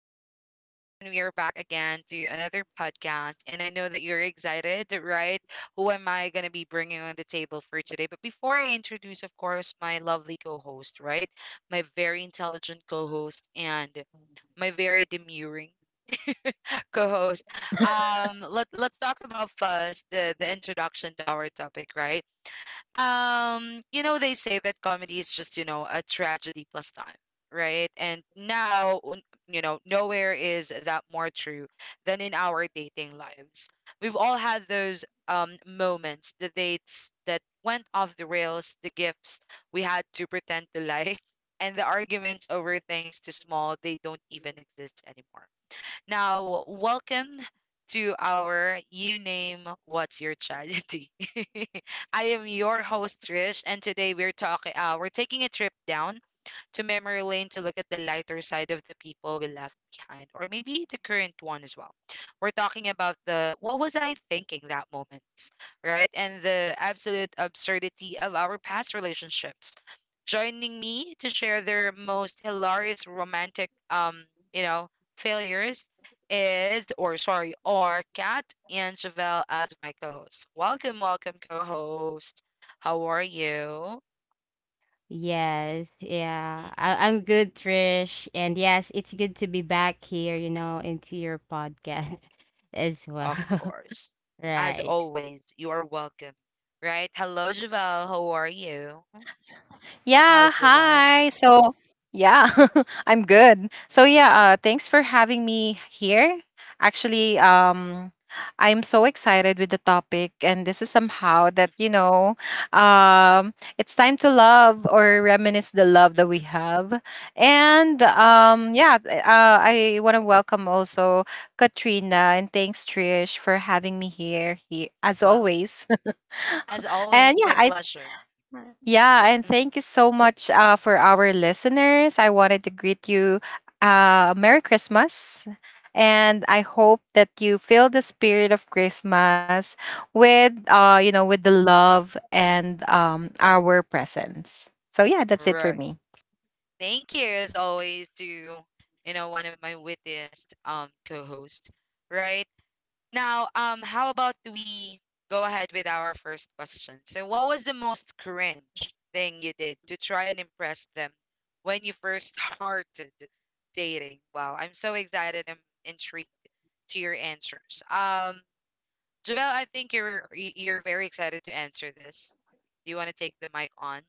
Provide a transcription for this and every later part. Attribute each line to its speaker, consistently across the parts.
Speaker 1: listeners, and we are back again to another podcast. And I know that you're excited, right? Who am I going to be bringing on the table for today? But before I introduce, of course, my lovely co host, right? My very intelligent co host and my very demurring co host, let's talk about first the introduction to our topic, right? You know, they say that comedy is just a tragedy plus time, right? And now, nowhere is that more true than in our dating lives. We've all had those moments, the dates that went off the rails, the gifts we had to pretend to like, and the arguments over things too small they don't even exist anymore. Now, welcome to our You Name What's Your Tragedy. I am your host Trish, and today we're talking. We're taking a trip down to memory lane to look at the lighter side of the people we left behind, or maybe the current one as well. We're talking about the what was I thinking that moment, right, and the absolute absurdity of our past relationships joining me to share their most hilarious romantic you know failures is or sorry are Kat and Chevelle as my co-hosts. Welcome, welcome co-host. How are you?
Speaker 2: Yes, yeah.
Speaker 1: Mm-mm,
Speaker 2: I'm good, Trish. And yes, it's good to be back here, you know, into your podcast as well.
Speaker 1: of course. As
Speaker 2: Right.
Speaker 1: always, you are welcome. Right? Hello, Javelle. How are you?
Speaker 3: Yeah,
Speaker 1: How's the life?
Speaker 3: hi. So, yeah, I'm good. So, yeah, thanks for having me here. Actually, I'm so excited with the topic, and this is somehow that, you know, it's time to love or reminisce the love that we
Speaker 1: Mm-mm,
Speaker 3: have. And
Speaker 1: mm-mm.
Speaker 3: yeah, I want to welcome also Katrina, and thanks, Trish, for having me here as
Speaker 1: Well,
Speaker 3: always.
Speaker 1: as
Speaker 3: And
Speaker 1: always,
Speaker 3: yeah,
Speaker 1: my
Speaker 3: I
Speaker 1: pleasure.
Speaker 3: yeah, and
Speaker 1: Mm-mm.
Speaker 3: thank you so much for our listeners. I wanted to greet you Merry Christmas. And I hope that you feel the spirit of Christmas with, you know, with the love and our presence. So yeah, that's it for
Speaker 1: Right.
Speaker 3: me.
Speaker 1: Thank you, as always, to one of my wittiest co-host. Right now, how about we go ahead with our first question? So, what was the most cringe thing you did to try and impress them when you first started dating? Wow, I'm so excited. I'm intrigued to your answers. Javel, I think you're very excited to answer this. Do you want to take the mic on?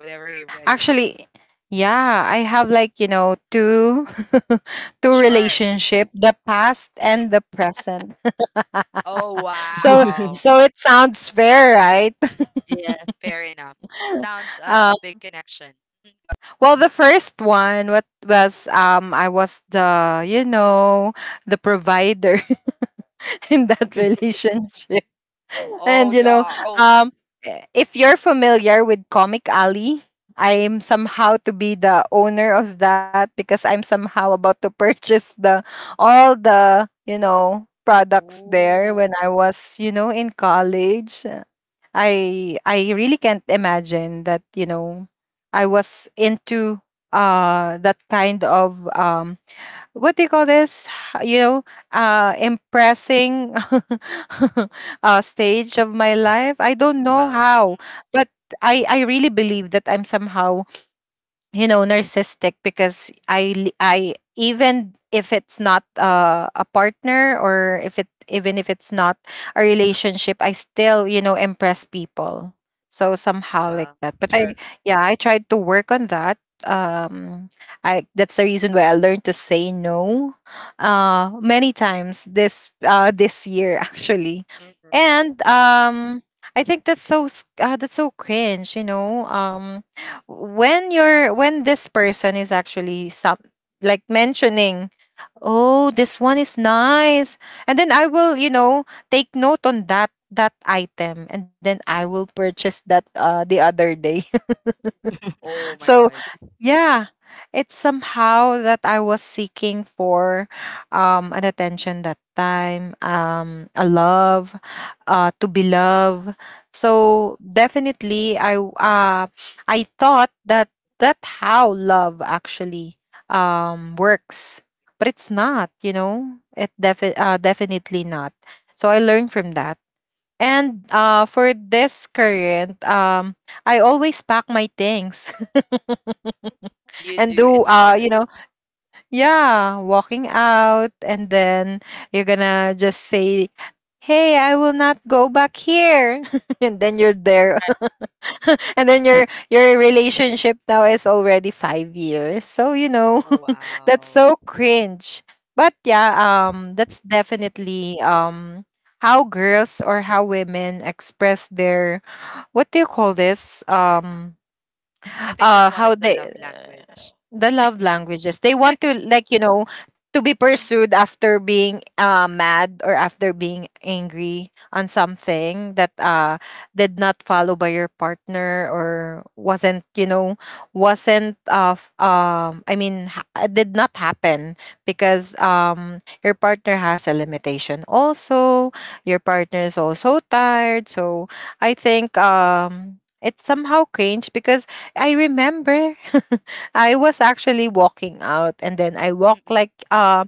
Speaker 1: Whenever you're ready.
Speaker 3: Actually, yeah, I have like you know
Speaker 1: Mm,
Speaker 3: two
Speaker 1: sure.
Speaker 3: relationship, the past and the present.
Speaker 1: Oh,
Speaker 3: So
Speaker 1: wow.
Speaker 3: it sounds fair, right?
Speaker 2: Yeah.
Speaker 1: Fair enough. Sounds
Speaker 3: Uh,
Speaker 1: a big connection. Mhm.
Speaker 3: Well, the first one, what was I was the you know the provider in that relationship, and
Speaker 1: Oh,
Speaker 3: you
Speaker 1: the
Speaker 3: know
Speaker 1: oh.
Speaker 3: um, if you're familiar with Comic Alley, I'm somehow to be the owner of that because I'm somehow about to purchase the all the you know products there
Speaker 1: Oh,
Speaker 3: when I was you know in college. I really can't imagine that you know I was into that kind of what do you call this you know impressing stage of my life. I don't know
Speaker 1: well,
Speaker 3: how,
Speaker 1: mm-mm,
Speaker 3: but I really believe that I'm somehow you know narcissistic because I li- I even if it's not a partner, or if it even if it's not a relationship, I still you know impress people. So somehow like
Speaker 1: well,
Speaker 3: that, but I
Speaker 1: true.
Speaker 3: yeah, I tried to work on that. Um I That's the reason why I learned to say no many
Speaker 1: Mm,
Speaker 3: times this this year actually.
Speaker 1: mm-mm.
Speaker 3: And I think that's that's so cringe, you know. When you're when this person is actually some like mentioning, "Oh, this one is nice," and then I will you know take note on that item, and then I will purchase that the other day.
Speaker 1: Oh my
Speaker 3: So
Speaker 1: God,
Speaker 3: yeah, it's somehow that I was seeking for an attention that time, a love, to be loved. So definitely I thought that that how love actually works. But it's not, you know. It definitely not. So I learned from that. And for this current I always pack my things.
Speaker 1: you
Speaker 3: And
Speaker 1: do.
Speaker 3: do
Speaker 1: It's
Speaker 3: you
Speaker 1: part.
Speaker 3: know, yeah, walking out, and then you're gonna just say, "Hey, I will not go back here." And then you're there. And then your relationship now is already 5 years, so you know that's
Speaker 1: Wow.
Speaker 3: so cringe. But yeah, that's
Speaker 1: Mm,
Speaker 3: definitely how girls or how women express their what do you call this.
Speaker 1: true enough. I think that's
Speaker 3: How
Speaker 1: one of the
Speaker 3: they
Speaker 1: love language.
Speaker 3: the love languages, they want to like you know to be pursued after being mad or after being angry on something that did not follow by your partner or wasn't you know wasn't of did not happen because your
Speaker 1: True.
Speaker 3: partner has a limitation also. Your partner is also tired. So I think it's somehow cringe because I remember I was actually walking out, and then I walked
Speaker 1: Mm-mm.
Speaker 3: like uh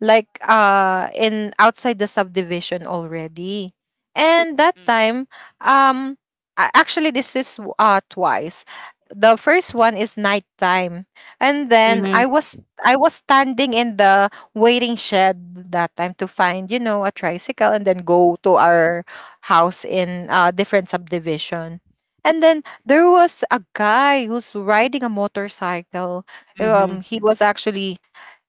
Speaker 3: like uh in outside the subdivision already. And that
Speaker 1: Mm.
Speaker 3: time um actually this is twice. The first one is nighttime, and then
Speaker 2: Mm-hmm.
Speaker 3: I
Speaker 1: Twice.
Speaker 3: was I was standing in the waiting shed that time to find, you know, a tricycle and then
Speaker 1: Mm.
Speaker 3: go to our house in different subdivision. And then there was a guy who's riding a motorcycle.
Speaker 2: Mm-hmm.
Speaker 3: He was actually,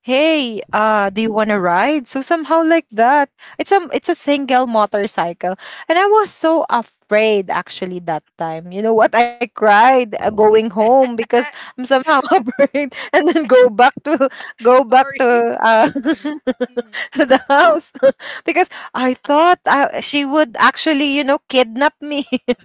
Speaker 3: "Hey, do you want to ride?" So somehow like that. It's a single motorcycle, and I was so afraid actually that time. You know what? I cried going home because I'm somehow afraid, and then go back
Speaker 1: Sorry.
Speaker 3: to
Speaker 1: Mm,
Speaker 3: to the house because I thought she would actually you know kidnap me.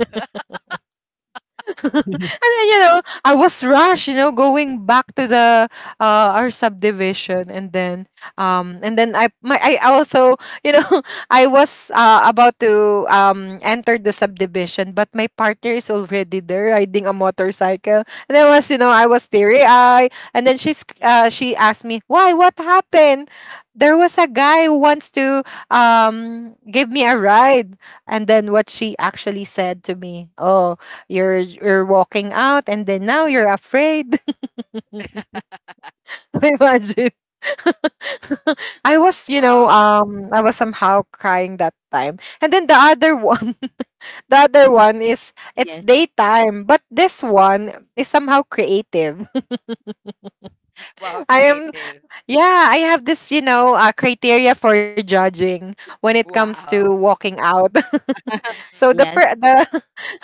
Speaker 3: And then, you know, I was rushed, you know, going back to the our subdivision. And then
Speaker 1: mm,
Speaker 3: I my I also, you know, I was about to enter the subdivision, but my partner is already there riding a motorcycle. And I was, you know, I was teary eye, and then she asked me, "Why? What happened? There was a guy who wants to give me a ride." And then what she actually said to me, "Oh, you're walking out and then now you're afraid."
Speaker 1: mm.
Speaker 3: Imagine. I was, you know,
Speaker 1: Wow.
Speaker 3: I was somehow crying that time. And then the other one the other one is it's
Speaker 2: Yes.
Speaker 3: daytime, but this one is somehow creative.
Speaker 1: Mm-hmm. Wow,
Speaker 3: I am
Speaker 1: creative.
Speaker 3: Yeah, I have this, you know, criteria for judging when it comes to
Speaker 1: Wow.
Speaker 3: walking out. So
Speaker 1: Mm-mm.
Speaker 3: the
Speaker 2: Yes.
Speaker 3: fir- the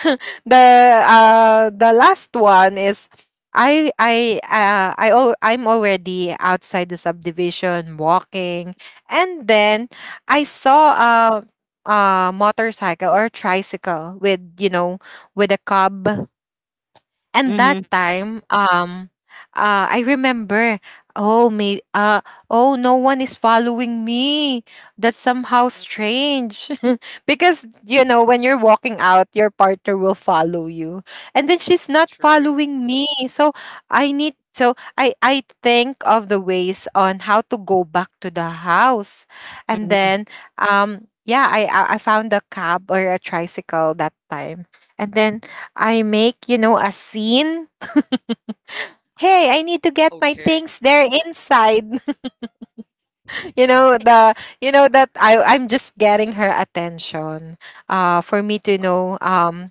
Speaker 3: the the last one is I'm already outside the subdivision walking, and then I
Speaker 1: Mm.
Speaker 3: saw a motorcycle or tricycle with you know with a cub. And that
Speaker 2: Mm-hmm.
Speaker 3: time, I remember, oh may, uh, "Oh, no one is following me. That's somehow
Speaker 1: Mm,
Speaker 3: strange," because you know when you're walking out, your partner will follow you, and then she's not
Speaker 1: true.
Speaker 3: following me. So I need. So I think of the ways on how to go back to the house, and
Speaker 2: Mm-hmm.
Speaker 3: then yeah, I found a cab or a tricycle that time, and then I make, you know, a scene. "Hey, I need to get my
Speaker 1: Okay.
Speaker 3: things there inside." You know, the you know that I'm just getting her attention. For me to
Speaker 1: Uh,
Speaker 3: know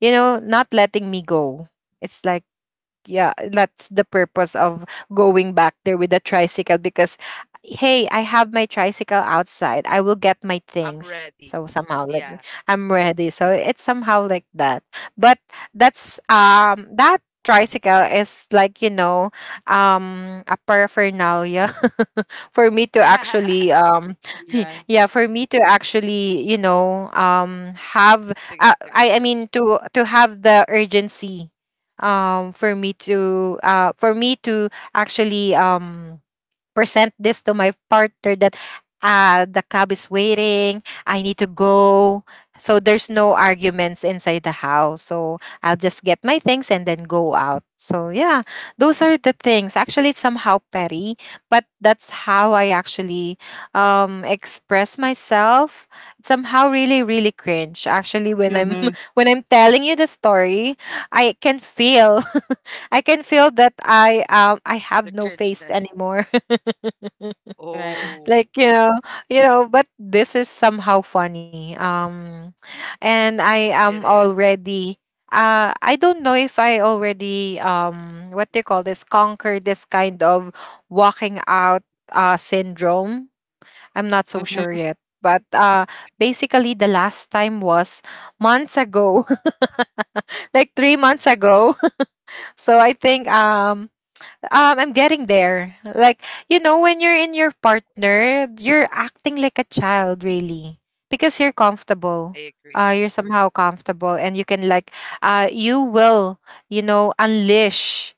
Speaker 3: you know, not letting me go. It's like, yeah, that's the purpose of going back there with the tricycle because, "Hey, I have my tricycle outside. I will get my
Speaker 1: I'm
Speaker 3: things." So
Speaker 1: ready.
Speaker 3: somehow, like,
Speaker 1: Yeah.
Speaker 3: I'm ready. So it's somehow like that. But that's, that tricycle is like, you know, a paraphernalia for me to
Speaker 1: To
Speaker 3: actually,
Speaker 2: You're right.
Speaker 3: yeah, for me to actually, you know, have
Speaker 1: get their attention.
Speaker 3: to have the urgency for me to actually present this to my
Speaker 1: Mm-mm.
Speaker 3: partner that the cab is waiting, I need to go. So there's no arguments inside the house, so I'll just get my things and then go out. So yeah, those are the things actually. It's somehow petty, but that's how I actually express myself. It's somehow really really cringe actually when I'm
Speaker 2: Mm-hmm.
Speaker 3: when I'm telling you the story. I can feel I can feel that I have
Speaker 1: The
Speaker 3: no face
Speaker 1: cringeness.
Speaker 3: anymore,
Speaker 2: Right.
Speaker 1: Oh,
Speaker 3: like you know. You know, but this is somehow funny. And
Speaker 1: it
Speaker 3: I
Speaker 1: is.
Speaker 3: am already I don't know if I already what they call this, conquer this kind of walking out syndrome. I'm not so
Speaker 1: Mm-mm.
Speaker 3: sure
Speaker 2: Mm-hmm.
Speaker 3: yet. But basically, the last time was months ago
Speaker 1: Mm,
Speaker 3: like 3 months ago. So I think I'm getting there. Like, you know, when you're in your partner, you're acting like a child really. Because you're comfortable.
Speaker 1: I agree.
Speaker 3: You're somehow comfortable, and you can like you will, you know, unleash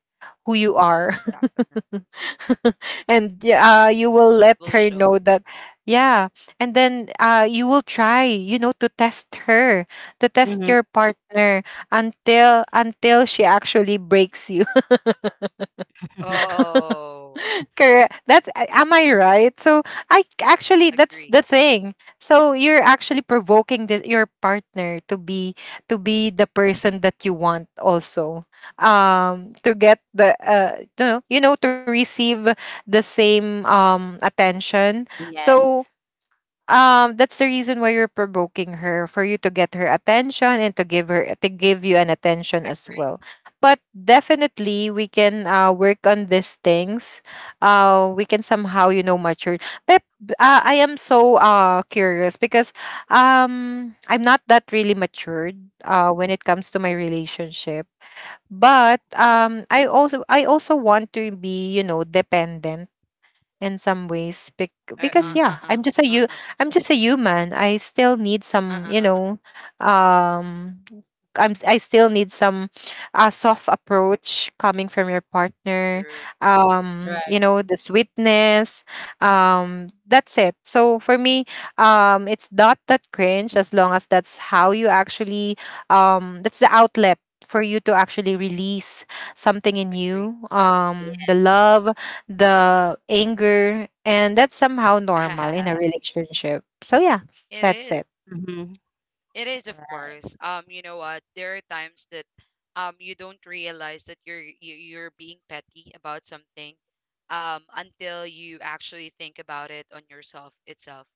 Speaker 3: who you are.
Speaker 1: Definitely.
Speaker 3: And yeah, you will
Speaker 1: It
Speaker 3: let
Speaker 1: will
Speaker 3: her know
Speaker 1: show.
Speaker 3: that yeah. And then you will try, you know, to test her, to test
Speaker 2: Mm-hmm.
Speaker 3: your partner until she actually breaks you.
Speaker 1: Oh,
Speaker 3: Correct. Am I right? So I actually that's
Speaker 1: agree.
Speaker 3: the thing. So you're actually provoking your partner to be the person that you want also. To get the you know, you know, to receive the same attention.
Speaker 2: Yes.
Speaker 3: So that's the reason why you're provoking her for you to get her attention and to give her to give you an attention as
Speaker 1: Agree.
Speaker 3: well. But definitely we can work on these things. We can somehow you know mature. But I am so curious because I'm not that really matured when it comes to my relationship. But I also want to be you know dependent in some ways
Speaker 1: Uh,
Speaker 2: Mm-hmm.
Speaker 3: because
Speaker 1: uh, uh,
Speaker 3: yeah,
Speaker 1: uh, uh, uh,
Speaker 3: I'm just a human. I still need
Speaker 1: uh,
Speaker 3: some you
Speaker 1: uh, uh. uh.
Speaker 3: know um I'm s- I still need some soft approach coming from your partner,
Speaker 1: True.
Speaker 2: Right.
Speaker 3: you know, the sweetness, that's it. So for me, it's not that cringe as long as that's how you actually that's the outlet for you to actually release something in
Speaker 1: Agree.
Speaker 3: you, the
Speaker 2: Yeah.
Speaker 3: love, the anger, and that's somehow normal in a relationship. So yeah,
Speaker 1: It
Speaker 3: that's
Speaker 1: is.
Speaker 3: it.
Speaker 2: Mm-hmm.
Speaker 1: It is, of
Speaker 2: Right.
Speaker 1: course. You know what? There are times that you don't realize that you're being petty about something until you actually think about it on yourself itself,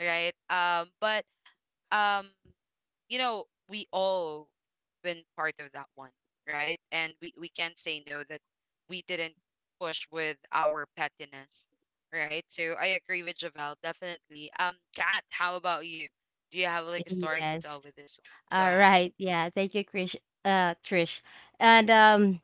Speaker 1: right? But um you know, we all been part of that one, right? And we can't say no that we didn't push with our pettiness, right? So I agree with Javel, definitely. Kat, how about you? Do you have like a story to tell
Speaker 2: Yes.
Speaker 1: with this one? Go
Speaker 2: All
Speaker 1: ahead.
Speaker 2: right. Yeah. Thank you, Krish. Trish. And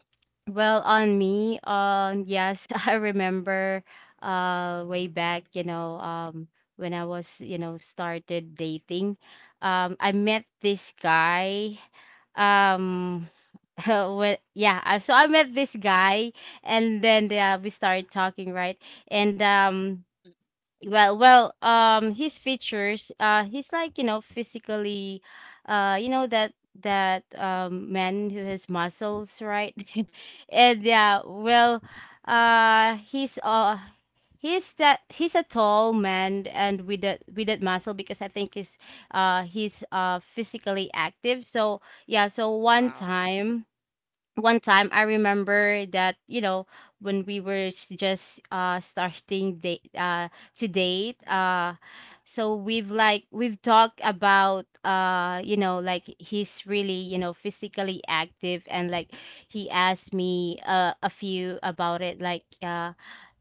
Speaker 2: well, on me, yes, I remember, way back, you know, when I was, you know, started dating, I met this guy, um. Well, yeah, so I met this guy, and then we started talking, right? And well, his features he's like you know physically you know that man who has muscles, right? And yeah, uh he's uh he's that he's a tall man and with that muscle because I think is he's physically active. So yeah,
Speaker 1: Wow.
Speaker 2: one time I remember that, you know, when we were just starting date to date, so we've talked about you know, like he's really, you know, physically active. And like he asked me a few about it,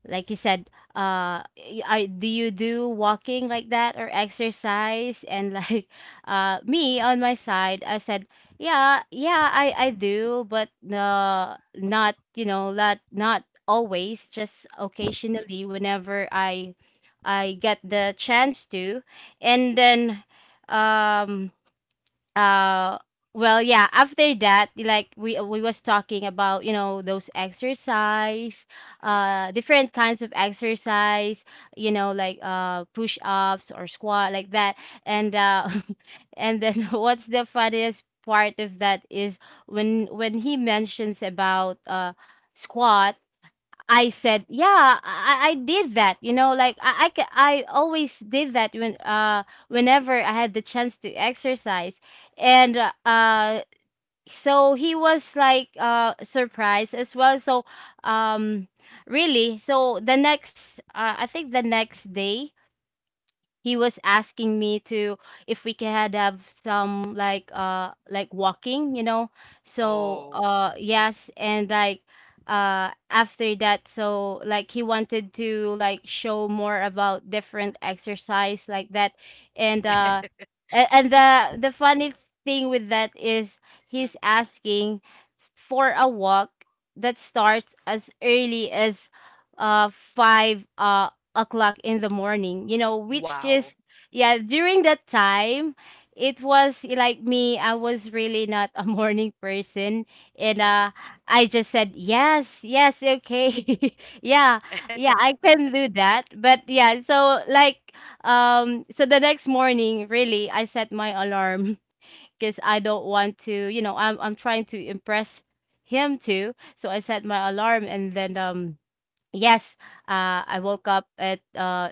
Speaker 2: like you said, do you do walking like that or exercise? And like me on my side, I said, yeah, I do, but not, you know, not always, just occasionally, whenever I get the chance to. And then um uh well, yeah, after that, like we was talking about, you know, those exercise different kinds of exercise, you know, like push-ups or squat, like that. And and then what's the funniest part of that is when he mentions about squat, I said, yeah, I did that. You know, like I always did that when whenever I had the chance to exercise. And so he was like surprised as well. So um really, so the next I think the next day he was asking me to, if we can have some, like walking, you know. So
Speaker 1: Oh.
Speaker 2: yes, and like after that, so like he wanted to, like, show more about different exercise, like that. And and the funny thing with that is he's asking for a walk that starts as early as 5 o'clock in the morning, you know, which
Speaker 1: Wow.
Speaker 2: is, yeah, during that time, it was like me, I was really not a morning person. And I just said, yes, yes, okay. Yeah, yeah, I can do that. But yeah, so like, so the next morning, really, I set my alarm because I don't want to, you know, I'm trying to impress him too. So I set my alarm. And then, yes, I woke up at uh,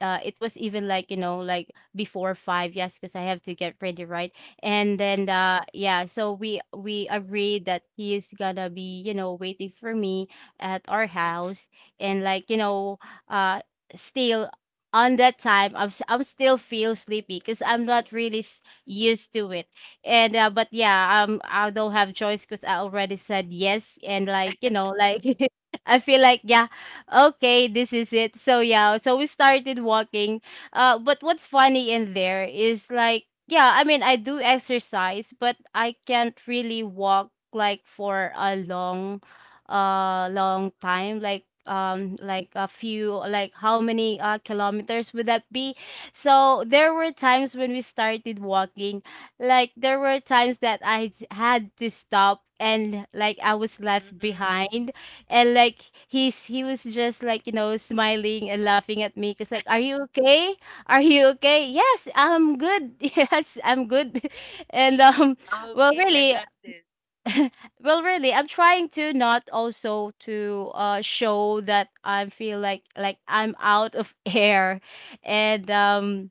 Speaker 2: uh, it was even, like, you know, like before five. Yes, because I have to get ready, right? And then yeah, so we agreed that he is gonna be, you know, waiting for me at our house, and, like, you know, uh, still on that time I'm still feel sleepy because I'm not really used to it. And but yeah, I don't have choice because I already said yes, and like, you know, like. I feel like, yeah, okay, this is it. So yeah, so we started walking. But what's funny in there is, like, yeah, I mean, I do exercise, but I can't really walk like for a long, long time. Like a few, like how many kilometers would that be? So there were times when we started walking, like there were times that I had to stop and like I was left behind and like he was just, like, you know, smiling and laughing at me because, like, are you okay, are you okay? Yes, I'm good. Yes, I'm good. And
Speaker 1: I'm
Speaker 2: well,
Speaker 1: okay. I
Speaker 2: really,
Speaker 1: got this.
Speaker 2: well, really, I'm trying to not also to show that I feel like I'm out of air. And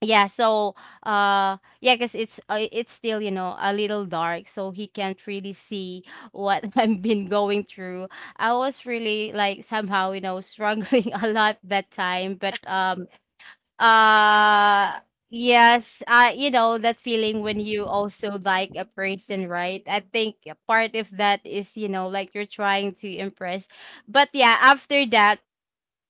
Speaker 2: yeah, so yeah, because it's still, you know, a little dark, so he can't really see what I've been going through. I was really, like, somehow, you know, struggling a lot that time. But uh yes, you know that feeling when you also like a person, right? I think a part of that is, you know, like you're trying to impress. But yeah, after that,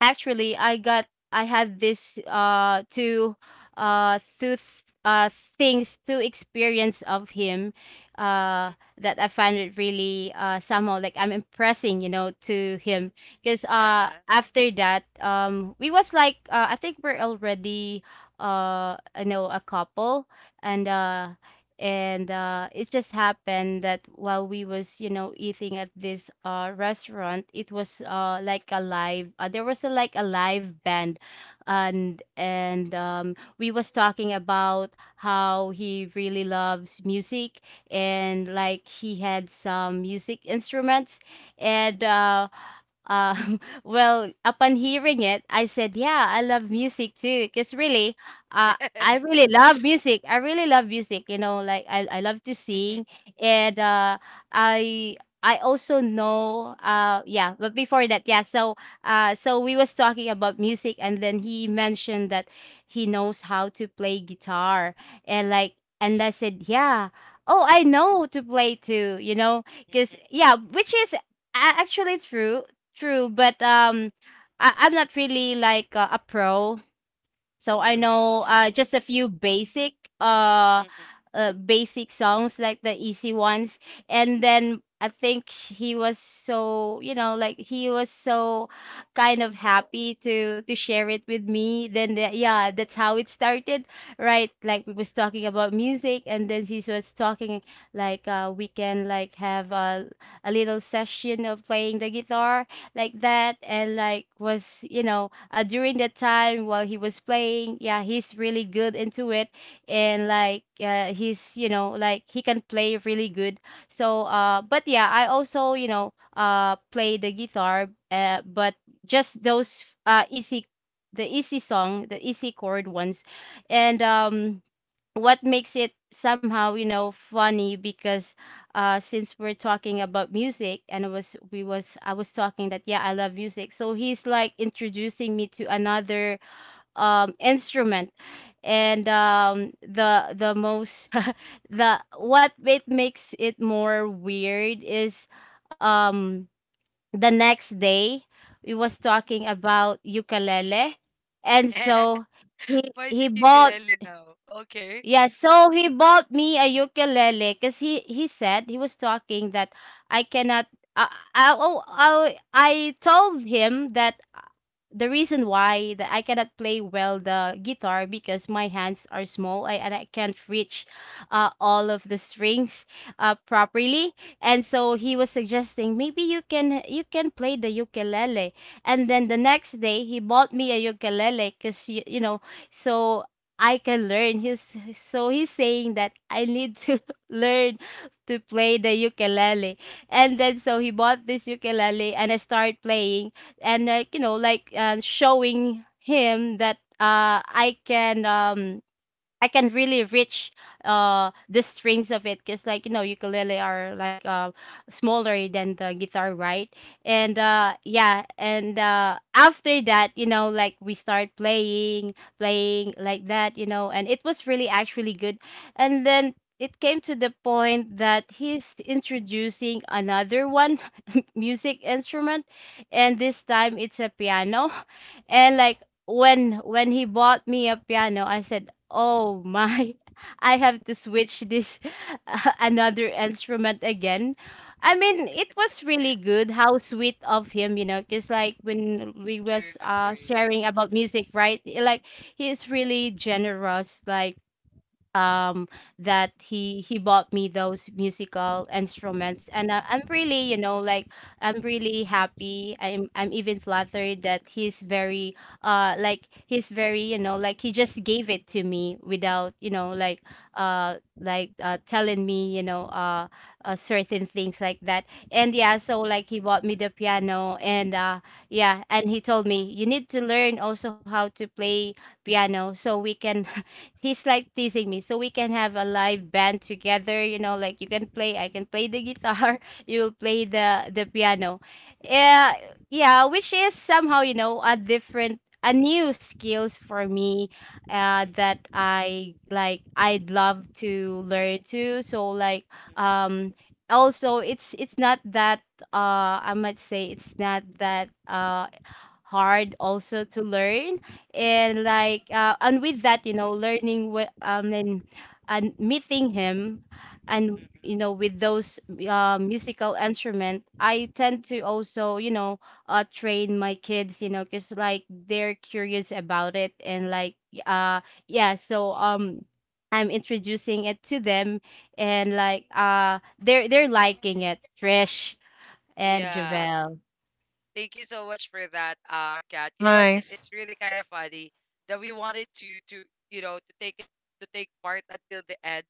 Speaker 2: actually, I got, I had this two uh two th- uh things, two experience of him, uh that I find it really somehow, like I'm impressing, you know, to him, because
Speaker 1: Uh
Speaker 2: after that we was like I think we're already you know a couple. And it just happened that while we was, you know, eating at this restaurant, it was like a live there was a, like a live band. And we was talking about how he really loves music, and like he had some music instruments. And well, upon hearing it, I said, "Yeah, I love music too." Because really, uh, I really love music. I really love music. You know, like I love to sing. And I I also know. Yeah, but before that, yeah. So so we was talking about music, and then he mentioned that he knows how to play guitar, and like, and I said, yeah. Oh, I know to play too. You know,
Speaker 1: uh.
Speaker 2: because yeah, which is actually true, true. But I'm not really like a pro, so I
Speaker 1: Mm,
Speaker 2: know just a few basic
Speaker 1: mm
Speaker 2: basic songs, like the easy ones. And then I think he was so, you know, like he was so kind of happy to share it with me. Then the, yeah, that's how it started, right? Like we was talking about music, and then he was talking, like we can like have a little session of playing the guitar, like that. And like was, you know, during that time while he was playing, yeah, he's really good into it. And like he's, you know, like he can play really good. So but yeah, I also, you know, play the guitar, but just those easy the easy song, the easy chord ones. And what makes it somehow, you know, funny because since we're talking about music, and it was we was I was talking that, yeah, I love music, so he's like introducing me to another instrument. And the most the what it makes it more weird is um the next day we was talking about ukulele, and so
Speaker 1: Why is
Speaker 2: he
Speaker 1: it
Speaker 2: bought
Speaker 1: ukulele now? Okay.
Speaker 2: yeah, so he bought me a ukulele, because he said he was talking that I cannot. I oh, I told him that the reason why that I cannot play well the guitar because my hands are small, and I can't reach all of the strings properly. And so he was suggesting, maybe you can, you can play the ukulele. And then the next day he bought me a ukulele, because you know, so I can learn. He's saying that I need to learn to play the ukulele. And then so he bought this ukulele, and I start playing and, like, you know, like showing him that I can really reach the strings of it, because, like, you know, ukulele are like smaller than the guitar, right? And yeah, and after that, you know, like we start playing like that, you know, and it was really actually good. And then it came to the point that he's introducing another one music instrument, and this time it's a piano. And like, when he bought me a piano, I said, "Oh my, I have to switch this another instrument again." I mean, it was really good. How sweet of him, you know, because like when we
Speaker 1: To
Speaker 2: was
Speaker 1: remember you too.
Speaker 2: sharing about music, right? Like he is really generous. Like, um that he bought me those musical instruments, and I'm really, you know, like, I'm really happy. I'm even flattered that he's very, like, he's very, you know, like, he just gave it to me without, you know, like, telling me, you know, certain things like that. And yeah, so like, he bought me the piano. And yeah, and he told me you need to learn also how to play piano so we can— he's like teasing me— so we can have a live band together, you know, like, you can play, I can play the guitar you'll play the piano. uh, yeah, which is somehow, you know, a different, a new skills for me, that I like, I'd love to learn too. So like, um also, it's not that, I might say it's not that hard also to learn. And like, and with that, you know, learning and— and meeting him, and, you know, with those musical instrument, I tend to also, you know, train my kids, you know, because like, they're curious about it. And like, uh yeah, so I'm introducing it to them. And like, they're liking it, Trish and
Speaker 1: Yeah.
Speaker 2: Javel.
Speaker 1: Thank you so much for that, Kat. You know what? It,
Speaker 3: Nice.
Speaker 1: it's really kind of funny that we wanted to to take it to take part until the end.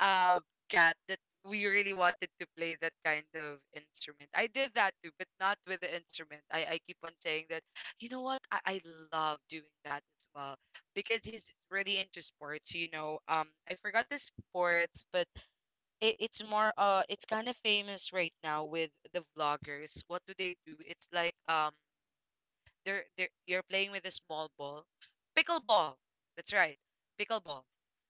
Speaker 1: uh, cat, that we really wanted to play that kind of instrument. I did that too, but not with the instrument. I keep on saying that, you know what? I love doing that as well because he's really into sports, you know. I forgot the sports, but it's kind of famous right now with the vloggers. What do they do? It's like, they're you're playing with a small ball, pickleball. That's right, pickleball.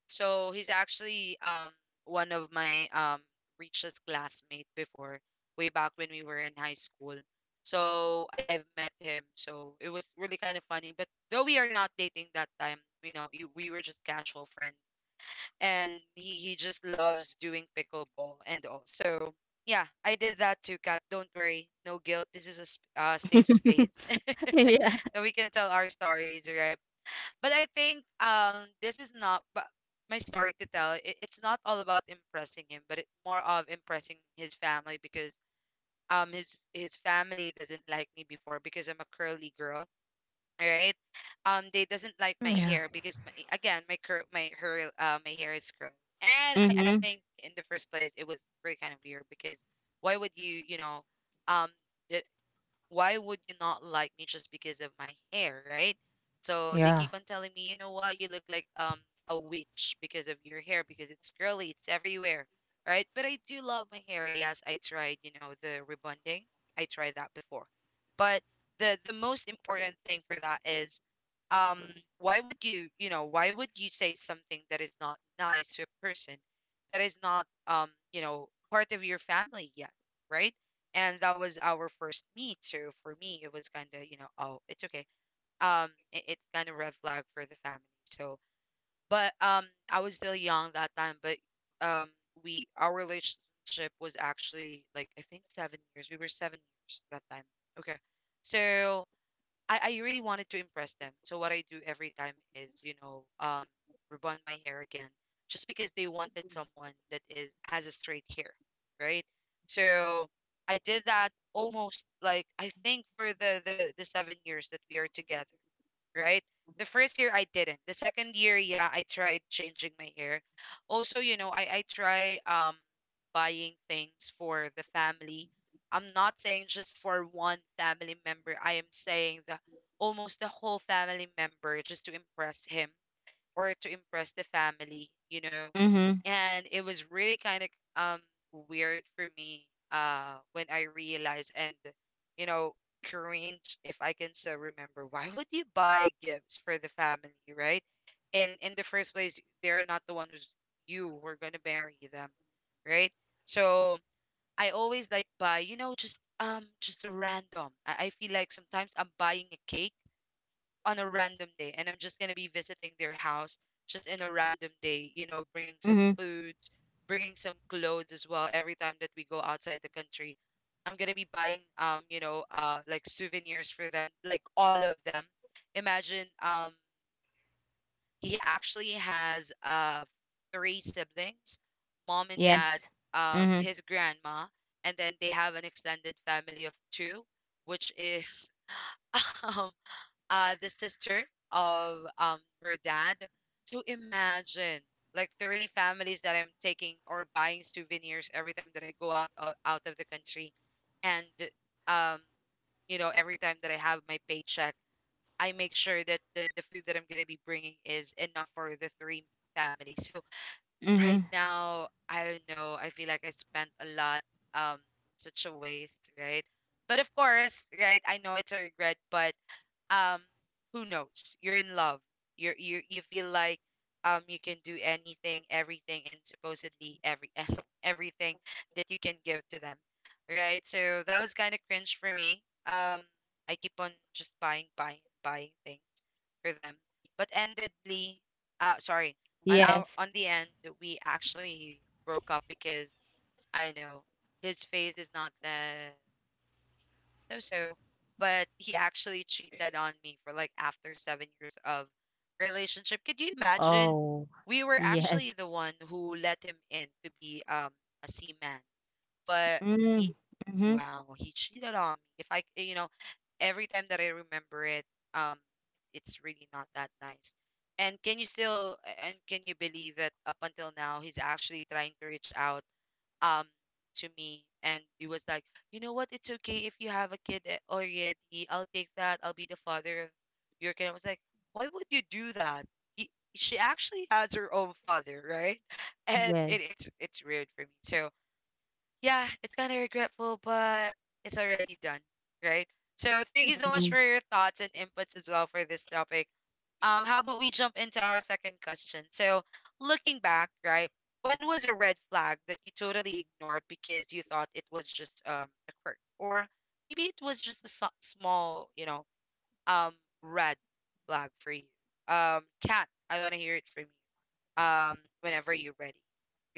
Speaker 1: So he's actually one of my richest classmate before, way back when we were in high school. So I've met him. So it was really kind of funny. But though we are not dating that time, we were just casual friends and he just loves doing pickleball and all. So yeah, I did that too, Kat. Don't worry, no guilt. This is a safe space
Speaker 2: Yeah.
Speaker 1: that we can tell our stories, right? But I think this is not but my story to tell. It's not all about impressing him, but it more of impressing his family because his family doesn't like me before because I'm a curly girl, right? They doesn't like my
Speaker 3: Yeah.
Speaker 1: hair because my, again, my curl, my her, my hair is curly, and I
Speaker 2: Mm-hmm.
Speaker 1: think in the first place it was really kind of weird because why would you, um, the, why would you not like me just because of my hair, right? So they keep
Speaker 3: Yeah.
Speaker 1: on telling me, you know what, you look like a witch because of your hair, because it's curly, it's everywhere, right? But I do love my hair. Yes, I tried the rebonding. I tried that before. But the most important thing for that is um why would why would you say something that is not nice to a person that is not part of your family yet, right? And that was our first meet, so for me it was kind of oh, it's okay. It's kind of red flag for the family. So but I was still young that time, but um we our relationship was actually like I think 7 years, we were 7 years that time, okay? So I really wanted to impress them. So what I do every time is rebond my hair again, just because they wanted someone that is has a straight hair, right? So I did that almost like I think for the 7 years that we are together, right? The first year I didn't. The second year, yeah, I tried changing my hair. Also, I try buying things for the family. I'm not saying just for one family member. I am saying the almost the whole family member just to impress him or to impress the family,
Speaker 2: Mm-hmm.
Speaker 1: and it was really kind of um weird for me when I realized, and you know cringe if I can still remember, why would you buy gifts for the family, right? And in the first place they're not the one who's you who are gonna marry them, right? So I always like buy just a random, I feel like sometimes I'm buying a cake on a random day and I'm just going to be visiting their house just in a random day, bringing some
Speaker 2: Mm-hmm.
Speaker 1: foods, bringing some clothes as well every time that we go outside the country. I'm going to be buying like souvenirs for them, like all of them. Imagine he actually has three siblings, mom and dad,
Speaker 2: Yes. Mhm,
Speaker 1: his grandma, and then they have an extended family of two, which is um the sister of her dad. So imagine like three families that I'm taking or buying souvenirs every time that I go out of the country, and um every time that I have my paycheck, I make sure that the food that I'm gonna be bringing is enough for the three families. So
Speaker 2: mhm,
Speaker 1: right now, I don't know. I feel like I spent a lot. Um, such a waste, right? But of course, right? I know it's a regret, but um who knows, you're in love, you feel like you can do anything, everything, and supposedly every everything that you can give to them, right? So that was kind of cringe for me. I keep on just buying things for them. But endedly, sorry,
Speaker 2: yes.
Speaker 1: on the end we actually broke up because I know his face is not that, so, but he actually cheated on me for like after 7 years of relationship. Could you imagine?
Speaker 2: Oh,
Speaker 1: We were
Speaker 2: yes.
Speaker 1: actually the one who let him in to be a seaman, but he,
Speaker 2: Mm, mhm,
Speaker 1: wow, he cheated on me. If every time that I remember it, um, it's really not that nice. And can you still, and can you believe that up until now, he's actually trying to reach out um to me, and he was like, you know what, it's okay if you have a kid already. I'll take that. I'll be the father of your kid. I was like, why would you do that? he, she actually has her own father, right? And
Speaker 2: yes,
Speaker 1: it's weird for me, so yeah, it's kind of regretful, but it's already done, right? So thank you so much
Speaker 2: mhm,
Speaker 1: for your thoughts and inputs as well for this topic. How about we jump into our second question? So looking back, right, when was a red flag that you totally ignored because you thought it was just a quirk, or maybe it was just a smallum red flag for you? Kat, I want to hear it from you. Whenever you're ready,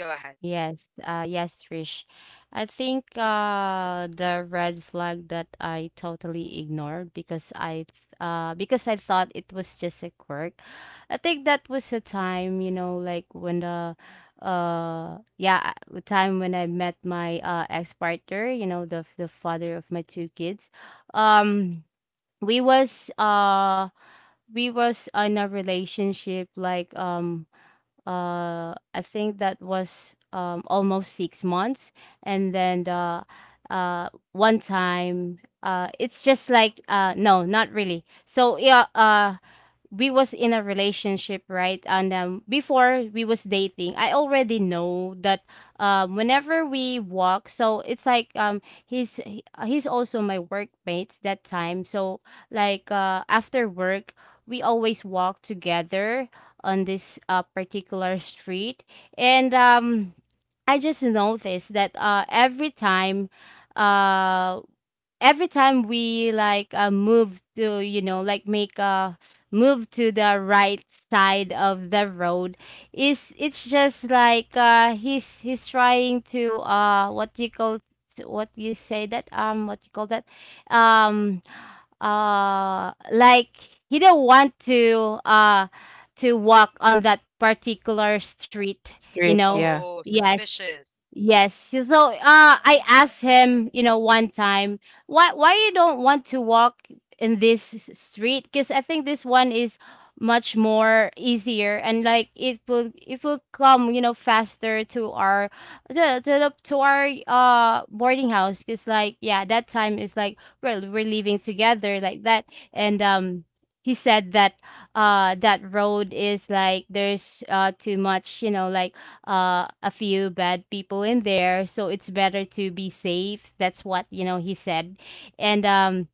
Speaker 1: go ahead.
Speaker 2: yes, yes, Trish. I think
Speaker 1: Yeah.
Speaker 2: the red flag that I totally ignored because I thought it was just a quirk. I think that was the time, you know, like, when the— yeah, the time when I met my ex-partner, you know, the
Speaker 1: Mm.
Speaker 2: father of my two kids. Um we was, we was in a relationship like, I think that was almost 6 months. And then one time, it's just like, no, not really. So yeah, we was in a relationship, right? And before we was dating, I already know that whenever we walk, so it's like, he's also my workmates that time. So like, after work we always walk together on this particular street. And I just noticed that, every time— uh, every time we like, move to, you know, like, make a move to the right side of the road, is— it's just like, he's trying to, what do you call— what do you say that, what do you call that, um like, he didn't want to walk on that particular street, you
Speaker 3: Street,
Speaker 2: know.
Speaker 3: yeah.
Speaker 1: Oh,
Speaker 2: Yes,
Speaker 1: suspicious.
Speaker 2: yes. So I asked him, you know, one time, why you don't want to walk in this street, because I think this one is much more easier, and like, it will come, you know, faster to our— to, to our boarding house, because like, yeah, that time is like, well, we're living together like that. And he said that, that road is like, there's too much, you know, like, a few bad people in there, so it's better to be safe, that's what, you know, he said. And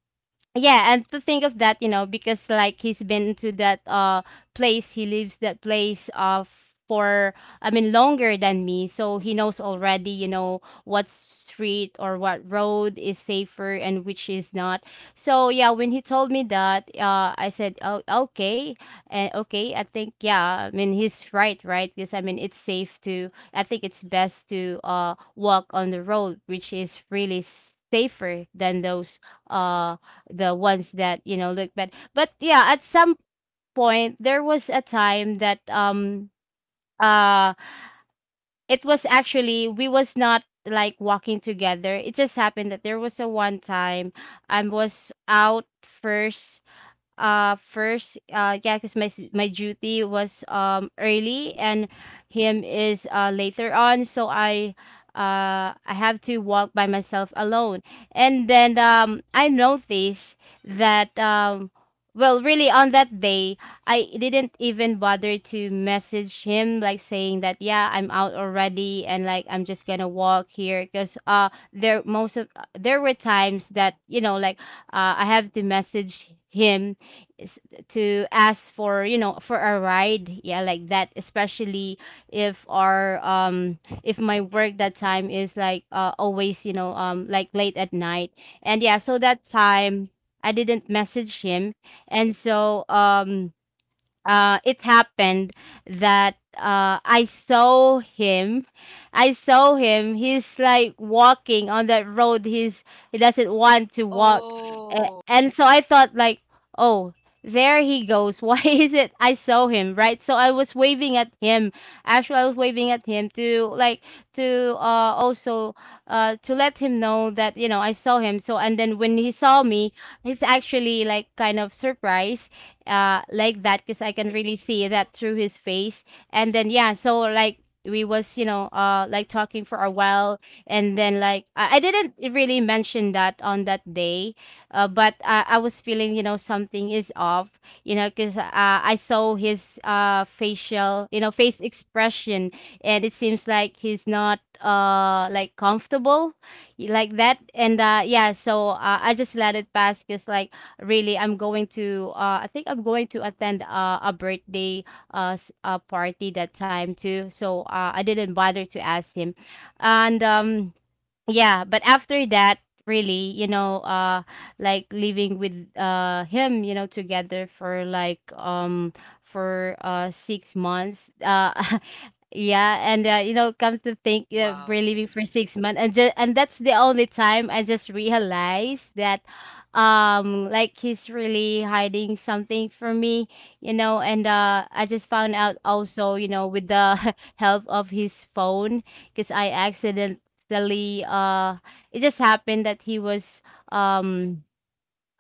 Speaker 2: yeah, and to think of that, you know, because like, he's been to that place, he leaves that place for, I mean, longer than me, so he knows already, you know, what street or what road is safer and which is not. So yeah, when he told me that, I said, oh, okay, and okay, I think, yeah, I mean he's right, right? Because I mean, it's safe to— I think it's best to walk on the road, which is really safer than those, uh the ones that, you know, look bad. But yeah, at some point there was a time that uh it was actually, we was not like walking together. It just happened that there was a one time I was out first, yeah, because my duty was early, and him is later on, so I have to walk by myself alone. And then I noticed that, well, really, on that day I didn't even bother to message him, like saying that, yeah, I'm out already, and like, I'm just gonna walk here. Because there— most of— there were times that, you know, like, I have to message him, is to ask for, you know, for a ride, yeah, like that, especially if our— if my
Speaker 1: Mm.
Speaker 2: work that time is like, always, you know, like, late at night. And yeah, so that time I didn't message him. And so, it happened that, I saw him. I saw him. He's like walking on that road. He doesn't want to walk.
Speaker 1: Oh.
Speaker 2: And so I thought like, oh, there he goes. Why is it I saw him, right? So I was waving at him. Actually, I was waving at him to like— to also to let him know that, you know, I saw him. So and then when he saw me, he's actually like kind of surprised, like that, because I can really
Speaker 1: Mm-mm.
Speaker 2: see that through his face. And then yeah, so like, we was, you know, like, talking for a while. And then like, I didn't really mention that on that day, but, I was feeling, you know, something is off, you know, because I saw his facial, you know, face expression, and it seems like he's not, like, comfortable like that. And yeah, so I just let it pass, because like, really, I'm going to— I think I'm going to attend a birthday party that time too, so I didn't bother to ask him. And yeah, but after that, really, you know, like, living with him, you know, together for like, for 6 months, yeah. And you know, come to think,
Speaker 1: Wow,
Speaker 2: we're living
Speaker 1: 6 months.
Speaker 2: for 6 months, and just— and that's the only time I just realized that, like, he's really hiding something from me, you know. And I just found out also, you know, with the help of his phone, because I accidentally, actually, it just happened that he was, um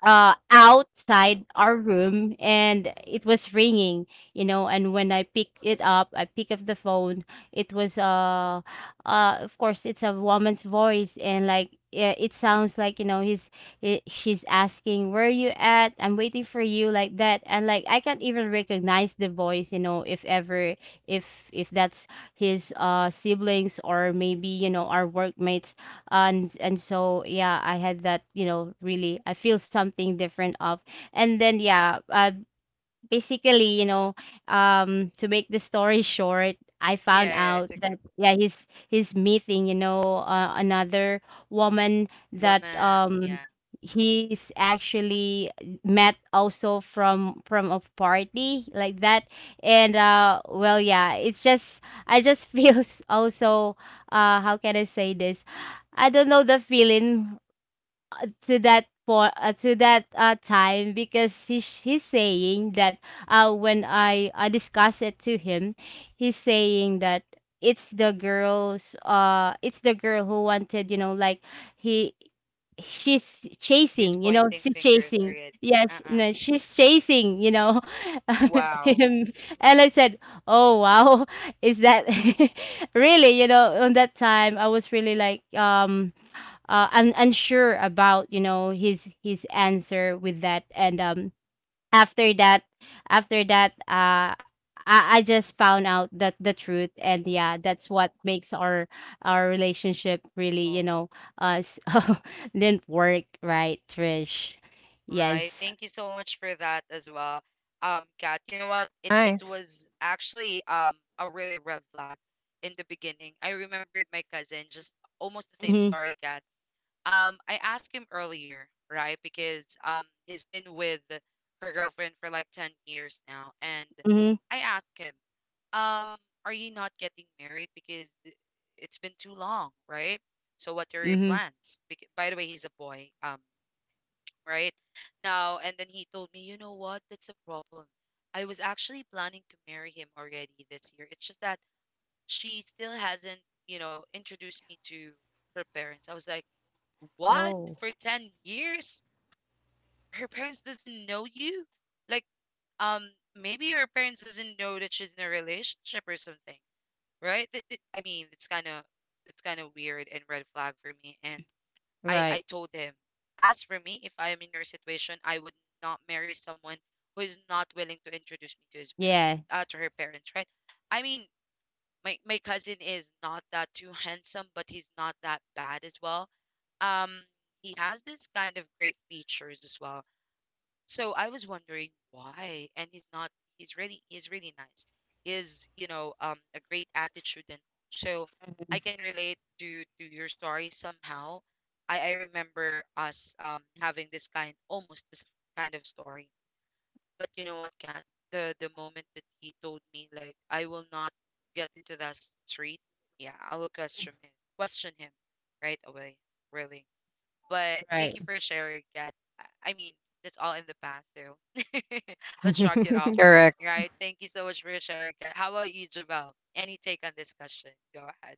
Speaker 2: outside our room and it was ringing, you know. And when I picked it up— I picked up the phone, it was, of course, it's a woman's voice, and like, yeah, it sounds like, you know, he, she's asking, where are you at, I'm waiting for you, like that. And like, I can't even recognize the voice, you know, if ever, if if that's his siblings, or maybe, you know, our workmates. And so yeah, I had that, you know, really, I feel something different of. And then yeah, basically, you know, to make the story short, I
Speaker 1: Yeah,
Speaker 2: found
Speaker 1: yeah,
Speaker 2: out
Speaker 1: it's okay.
Speaker 2: that, yeah, he's meeting, you know, another woman that,
Speaker 1: Woman, yeah.
Speaker 2: he's actually met also from a party, like that. And well, yeah, it's just, I just feels also, how can I say this, I don't know the feeling, to that— for to that time, because he's saying that, when I discuss it to him, he's saying that it's the girls— it's the girl who wanted, you know, like, he she's
Speaker 1: He's
Speaker 2: chasing, you know,
Speaker 1: pointing
Speaker 2: she's
Speaker 1: fingers
Speaker 2: chasing—
Speaker 1: already.
Speaker 2: yes,
Speaker 1: Uh-uh.
Speaker 2: no, she's chasing, you know,
Speaker 1: Wow.
Speaker 2: him. And I said, oh, wow, is that really? You know, on that time I was really like, unsure about, you know, his answer with that. And after that after that, I just found out that the truth. And yeah, that's what makes our— relationship really, you
Speaker 1: Oh,
Speaker 2: know, uh s- didn't work, right, Trish?
Speaker 1: right.
Speaker 2: Yes.
Speaker 1: Thank you so much for that as well. Kat, you know what? It
Speaker 3: Nice.
Speaker 1: was actually a really red flag in the beginning. I remembered my cousin, just almost the same
Speaker 2: Mm-hmm,
Speaker 1: story, Kat. I asked him earlier, right? Because he's been with her girlfriend for like 10 years now. And
Speaker 2: mm-hmm,
Speaker 1: I asked him, um, are you not getting married? Because it's been too long, right? So what are your
Speaker 2: mm-hmm.
Speaker 1: plans? By the way, he's a boy, right? Now, and then he told me, you know what, that's a problem. I was actually planning to marry him already this year. It's just that she still hasn't, introduced me to her parents. I was like, what?
Speaker 2: Oh,
Speaker 1: For 10 years? Her parents doesn't know you? Like, um, maybe her parents doesn't know that she's in a relationship or something, right? I mean, it's kind of that's kind of weird and red flag for me. And I
Speaker 2: right,
Speaker 1: I told him, as for me, if I am in your situation, I would not marry someone who is not willing to introduce me to his parents,
Speaker 2: yeah,
Speaker 1: to her parents, right? I mean, my cousin is not that too handsome, but he's not that bad as well. Um, he has this kind of great features as well. So I was wondering why, and he's not. He's really nice. Is a great attitude, and so I can relate to your story somehow. I remember us having this kind almost this kind of story. But you know what, Kat? The moment that he told me like I will not get into that street, yeah, I will question him right away. Really. But thank
Speaker 2: right.
Speaker 1: you for sharing, Kat. I mean, that's all in the past too. Let's shrug it off.
Speaker 2: Mm-hmm,
Speaker 3: Correct.
Speaker 1: Right. Thank you so much for sharing, Kat. How about you, Javel? Any take on this question? Go ahead.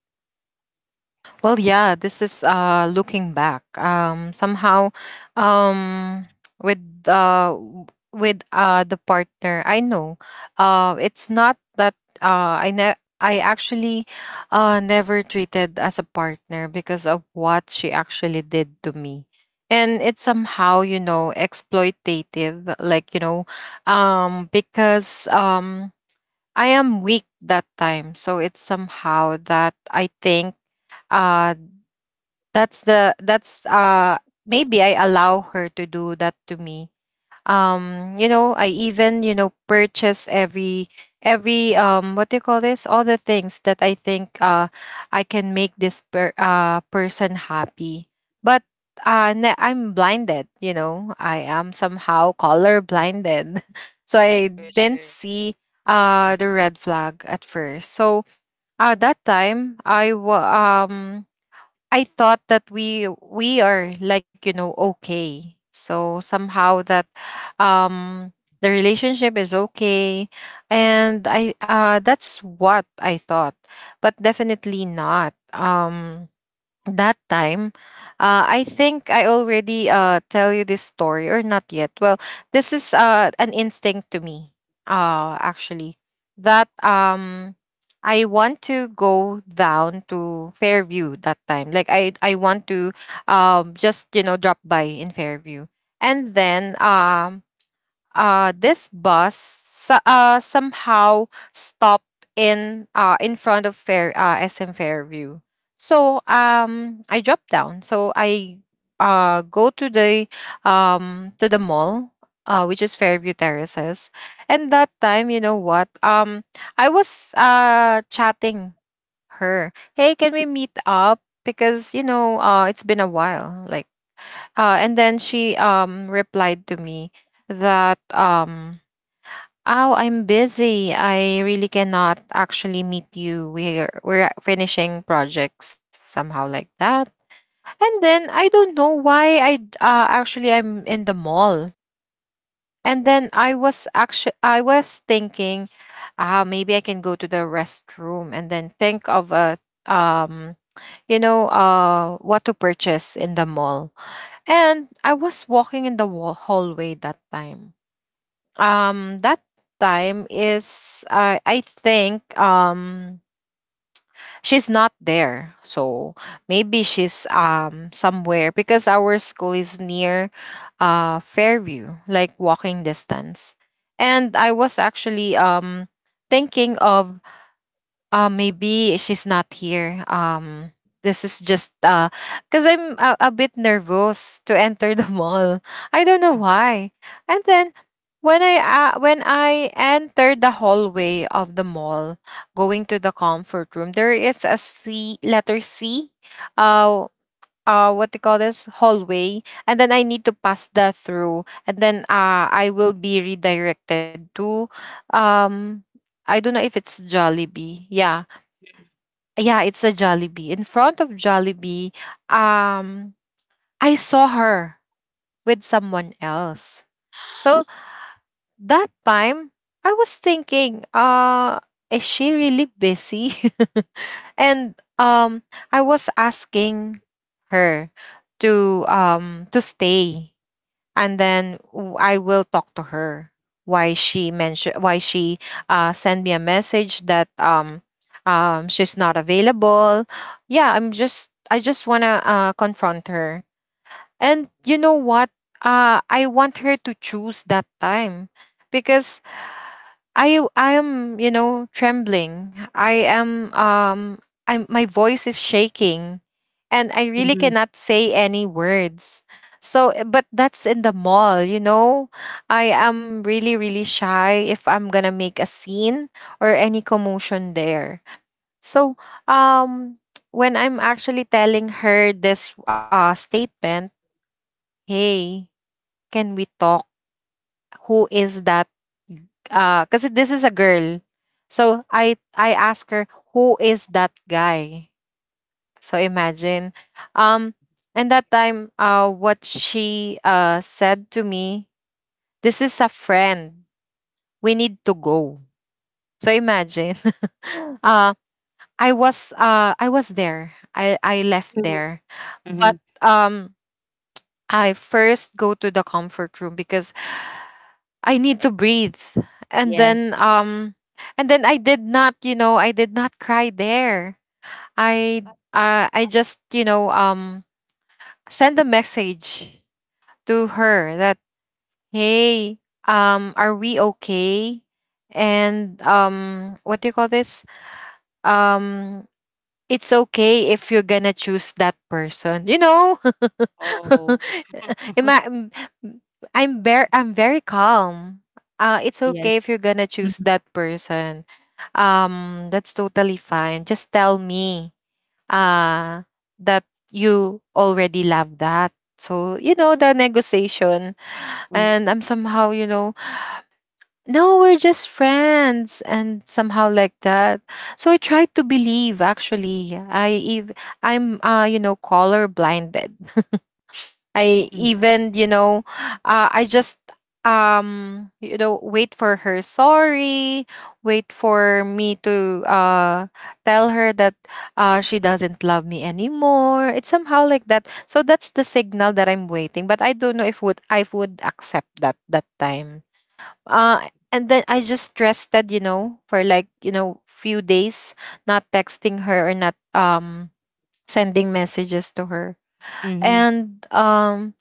Speaker 3: Well, yeah, this is looking back. Somehow um with uh w- with the partner I know. It's not that I actually never treated as a partner because of what she actually did to me. And it's somehow, exploitative, like, because I am weak that time. So it's somehow that I think uh that's maybe I allow her to do that to me. I even, purchase every what do you call this? All the things that I think I can make this person happy. But I'm blinded, you know. I am somehow color blinded. So I
Speaker 1: For
Speaker 3: didn't
Speaker 1: sure.
Speaker 3: see the red flag at first. So that time um I thought that we are like, you know, okay. So somehow that um the relationship is okay,
Speaker 1: Mm,
Speaker 3: and I that's what I thought. But definitely not. That time, I think I already, tell you this story or not. Yet well, this is an instinct to me, actually, that I want to go down to Fairview that time. Like, I want to just, you know, drop by in Fairview. And then this bus somehow stopped in front of Fair SM Fairview. So I dropped down. So I, go to the mall, which is Fairview Terraces. And
Speaker 1: mm,
Speaker 3: that
Speaker 1: mm,
Speaker 3: time, you know what? I was, chatting her. Hey, can we meet up? Because, you know, it's been a while. And then she replied to me that oh, I'm busy. I really cannot actually meet you. We're finishing projects, somehow like that. And then I don't know why actually I'm in the mall. And then I was actually I was thinking, ah, maybe I can go to the restroom and then think of a um you know, what to purchase in the mall. And I was walking in the hallway that time. That time is I think she's not there. So maybe she's somewhere because our school is near Fairview, like walking distance. And I was actually thinking of, maybe she's not here. This is just cause I'm a bit nervous to enter the mall. I don't know why. And then when I entered the hallway of the mall, going to the comfort room, there is a C, letter C. Uh, what they call this hallway, and then I need to pass that through, and then
Speaker 1: uh,
Speaker 3: I will be redirected to, um, I don't know if it's Jollibee. Yeah, yeah, it's a Jollibee. In front of Jollibee, um, I saw her with someone else. So that time, I was thinking, is she really busy? And I was asking her to stay and then I will talk to her why she mentioned, why she sent me a message that she's not available. Yeah, I just want to confront her. And you know what? I want her to choose that time because I am, you know, trembling. I am I my voice is shaking, and I really cannot say any words. So eh, but that's in the mall, you know. I am really, really shy if I'm going to make a scene or any commotion there. So um when I'm actually telling her this statement, "Hey, can we talk? Who is that because this is a girl?" So I asked her, who is that guy? So imagine. um and that time, what she said to me, this is a friend, we need to go. So imagine. uh I was there. I left there,
Speaker 2: mm-hmm,
Speaker 3: but I first go to the comfort room because I need to breathe. And
Speaker 2: yes.
Speaker 3: then um and then I did not, you know, I did not cry there. I, I just, you know, send a message to her that, hey, are we okay? And what do you call this? Um it's okay if you're gonna choose that person. You know,
Speaker 2: Oh.
Speaker 3: Ima- m- m- I'm very calm. It's
Speaker 2: Yes.
Speaker 3: okay if you're gonna choose that person. That's totally fine. Just tell me uh that you already love that. So you know, the negotiation,
Speaker 2: Mhm.
Speaker 3: and I'm somehow, you know, no, we're just friends and somehow like that. So I tried to believe, actually. I'm, you know, color blinded. I
Speaker 2: Mm.
Speaker 3: even, you know, I just you know, wait for her, sorry, wait for me to tell her that she doesn't love me anymore. It's somehow like that. So that's the signal that I'm waiting, but I don't know if would accept that time. uh and then I just rested, you know, for, like, you know, few days, not texting her or not sending messages to her.
Speaker 2: Mhm,
Speaker 3: And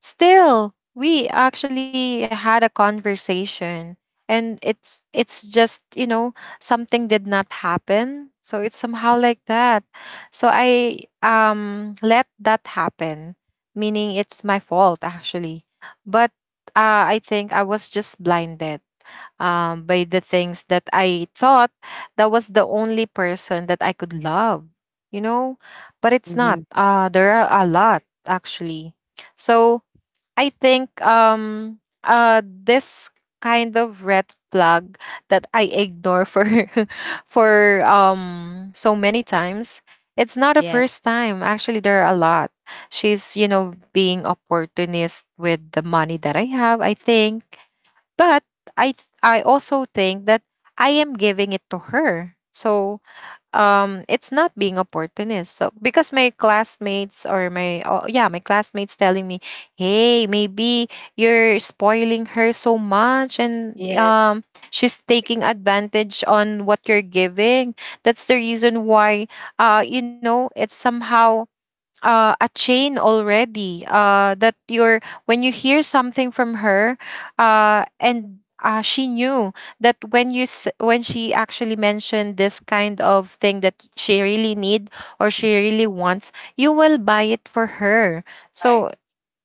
Speaker 3: still we actually had a conversation, and it's just, you know, something did not happen. So it's somehow like that. So I let that happen, meaning it's my fault, actually. But I think I was just blinded by the things that I thought, that was the only person that I could love, you know? But it's
Speaker 2: mhm.
Speaker 3: not. There are a lot, actually. So I think this kind of red flag that I ignore for for so many times, it's not a
Speaker 2: Yes.
Speaker 3: first time, actually. There are a lot. She's, you know, being opportunist with the money that I have, I think. But I also think that I am giving it to her. So it's not being opportunist. So because my classmates, or my, oh, yeah, my classmates telling me, "Hey, maybe you're spoiling her so much, and
Speaker 2: Yes.
Speaker 3: she's taking advantage on what you're giving." That's the reason why you know, it's somehow a chain already, that you're, when you hear something from her, and she knew that when she actually mentioned this kind of thing, that she really need or she really wants, you will buy it for her.
Speaker 2: Right.
Speaker 3: So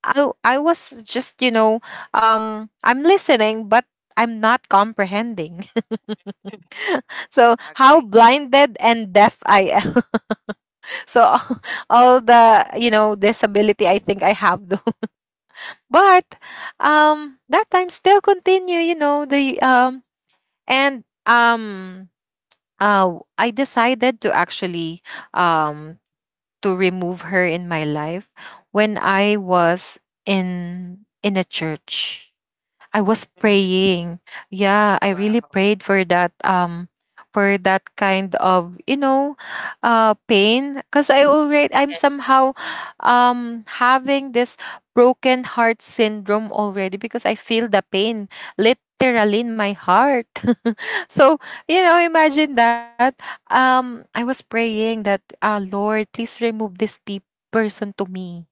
Speaker 3: I was just, you know, I'm listening but I'm not comprehending. So
Speaker 1: Agree.
Speaker 3: how blinded and deaf I am. So all the, you know, disability, I think I have. But that time still continue, you know, the and I decided to actually um to remove her in my life. When I was in a church, I was praying. Yeah, I really
Speaker 1: Wow.
Speaker 3: prayed for that kind of, you know, pain, because I already, I'm
Speaker 2: Yes.
Speaker 3: somehow having this broken heart syndrome already, because I feel the pain literally in my heart. So, you know, imagine that, I was praying that, Lord, please remove this person to me.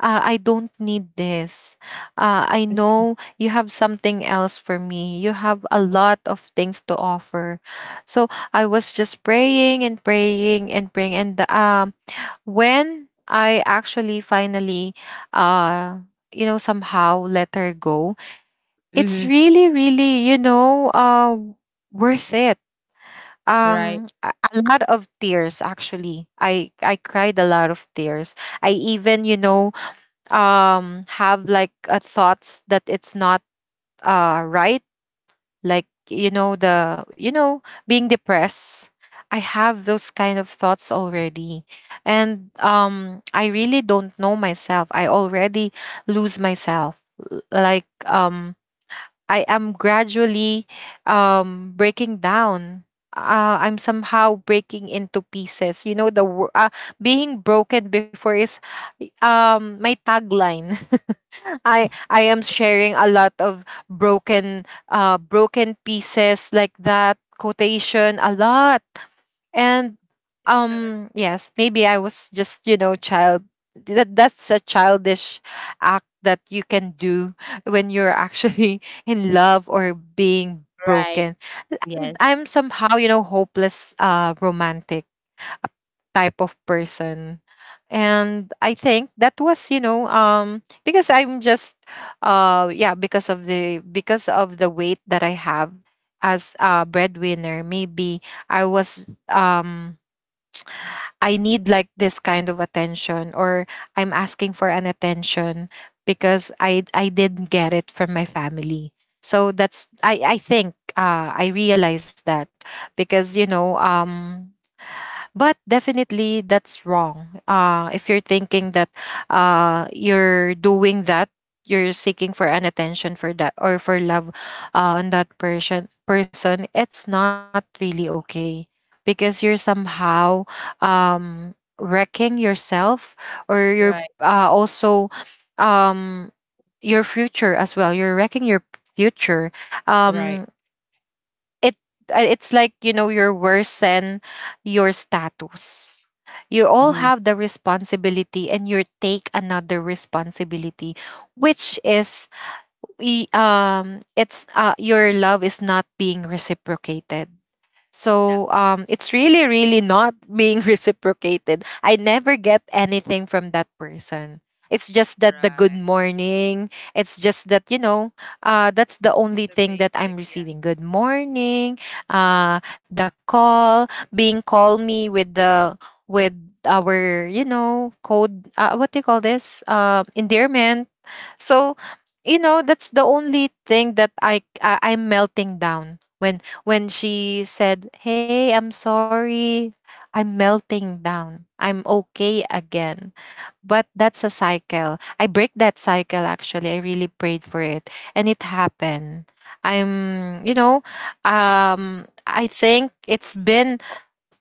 Speaker 3: I don't need this. I know you have something else for me. You have a lot of things to offer. So I was just praying and praying and praying. And when I actually finally, uh, you know, somehow let her go, it's
Speaker 2: Mhm.
Speaker 3: really, really, you know, worth it.
Speaker 2: Right.
Speaker 3: A a lot of tears, actually. I cried a lot of tears. I even, you know, have like a thoughts that it's not right, like, you know, the, you know, being depressed, I have those kind of thoughts already. And I really don't know myself. I already lose myself. L- like um I am gradually breaking down. I'm somehow breaking into pieces. You know, the being broken before is my tagline. I am sharing a lot of broken broken pieces, like that quotation a lot. And
Speaker 1: They should.
Speaker 3: yes, maybe I was just, you know, child, that that's a childish act that you can do when you're actually in love or being
Speaker 2: Right.
Speaker 3: broken. And
Speaker 2: Yes.
Speaker 3: I'm somehow, you know, hopeless, romantic type of person. And I think that was, you know, because I'm just yeah, because of the, because of the weight that I have as a breadwinner, maybe I was I need like this kind of attention, or I'm asking for an attention because I didn't get it from my family. So that's I think I realized that because you know But definitely that's wrong if you're thinking that you're doing that, you're seeking for an attention for that or for love, on that person it's not really okay because you're somehow um wrecking yourself, or you're
Speaker 2: Right.
Speaker 3: also um your future as well, you're wrecking your future.
Speaker 2: Right.
Speaker 3: um it it's like, you know, your worse than your status. You all
Speaker 2: Mhm.
Speaker 3: have the responsibility and you take another responsibility, which is it's your love is not being reciprocated. So
Speaker 1: Definitely.
Speaker 3: it's really, really not being reciprocated. I never get anything from that person. It's just that the good
Speaker 1: Right.
Speaker 3: morning. It's just that you know, that's the
Speaker 1: The
Speaker 3: only thing that
Speaker 1: basic,
Speaker 3: I'm
Speaker 1: yeah.
Speaker 3: receiving. Good morning. The call, being call me with the with our, you know, code. What do you call this? Endearment. So, you know, that's the only thing that I'm melting down when she said, "Hey, I'm sorry." I'm melting down. I'm okay again. But that's a cycle. I break that cycle, actually. I really prayed for it, and it happened. I'm, you know, I think it's been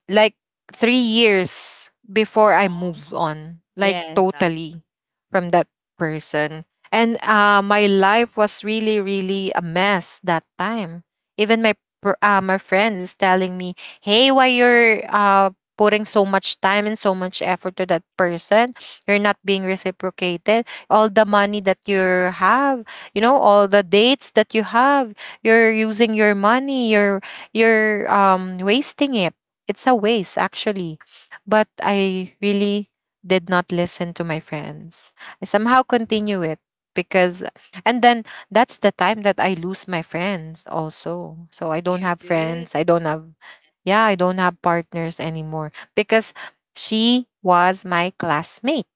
Speaker 3: like 3 years before I
Speaker 1: Oh.
Speaker 3: moved on, like
Speaker 2: Yes.
Speaker 1: That
Speaker 3: totally, from that person. And my life was really, really a mess that time. Even my friend is telling me, "Hey, why you're putting so much time and so much effort to that person? You're not being reciprocated. All the money that you have, you know, all the dates that you have, you're using your money. You're wasting it." It's a waste, actually. But I really did not listen to my friends. I somehow continue
Speaker 1: right.
Speaker 3: it because, and then that's the time
Speaker 1: Mm-mm.
Speaker 3: that I lose my friends also. So I don't
Speaker 1: You
Speaker 3: have
Speaker 1: did?
Speaker 3: friends. I don't have, yeah, I don't have partners anymore because she was my classmate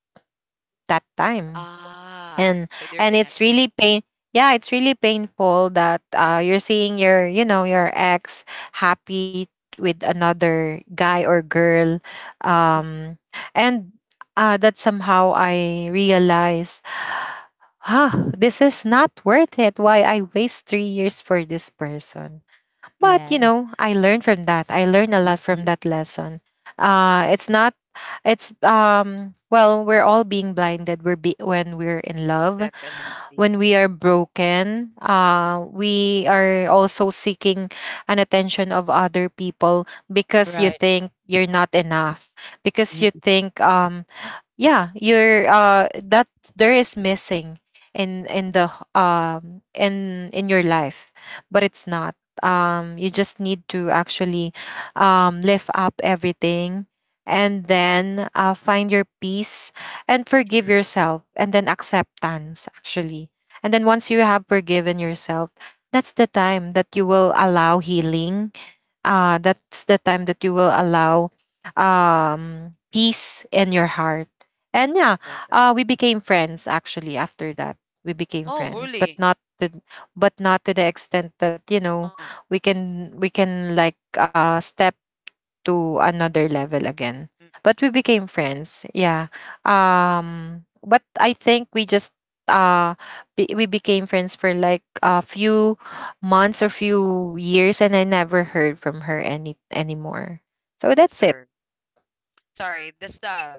Speaker 3: that time,
Speaker 1: Ah,
Speaker 3: and
Speaker 1: so they're
Speaker 3: and it's
Speaker 1: connected.
Speaker 3: really pain, yeah, it's really painful that you're seeing your, you know, your ex happy with another guy or girl. Um and That somehow I realize, huh, this is not worth it. Why I waste 3 years for this person?
Speaker 1: Mm-mm.
Speaker 3: But, you
Speaker 2: Yes.
Speaker 3: know, I learned from that. I learned a lot from
Speaker 2: Mhm.
Speaker 3: that lesson. It's not, it's well, we're all being blinded, when we're in love,
Speaker 1: Definitely.
Speaker 3: when we are broken, we are also seeking an attention of other people because you
Speaker 2: Right.
Speaker 3: think you're not enough, because you
Speaker 2: Mhm.
Speaker 3: think yeah, you're that there is missing in your life. But it's not, you just need to actually lift up everything, and then find your peace, and forgive
Speaker 1: True.
Speaker 3: yourself, and then acceptance, actually. And then once you have forgiven yourself, that's the time that you will allow healing. That's the time that you will allow peace in your heart. And yeah, we
Speaker 1: Definitely.
Speaker 3: became friends actually after that. We became
Speaker 1: Oh,
Speaker 3: friends,
Speaker 1: really?
Speaker 3: but not to the extent that, you know,
Speaker 1: Uh-uh.
Speaker 3: we can like step to another level again.
Speaker 1: Mm.
Speaker 3: But we became friends. Yeah. But I think we just uh we became friends for like a few months or few years, and I never heard from her anymore. So
Speaker 1: The
Speaker 3: that's it.
Speaker 1: serve. Sorry, the stuff.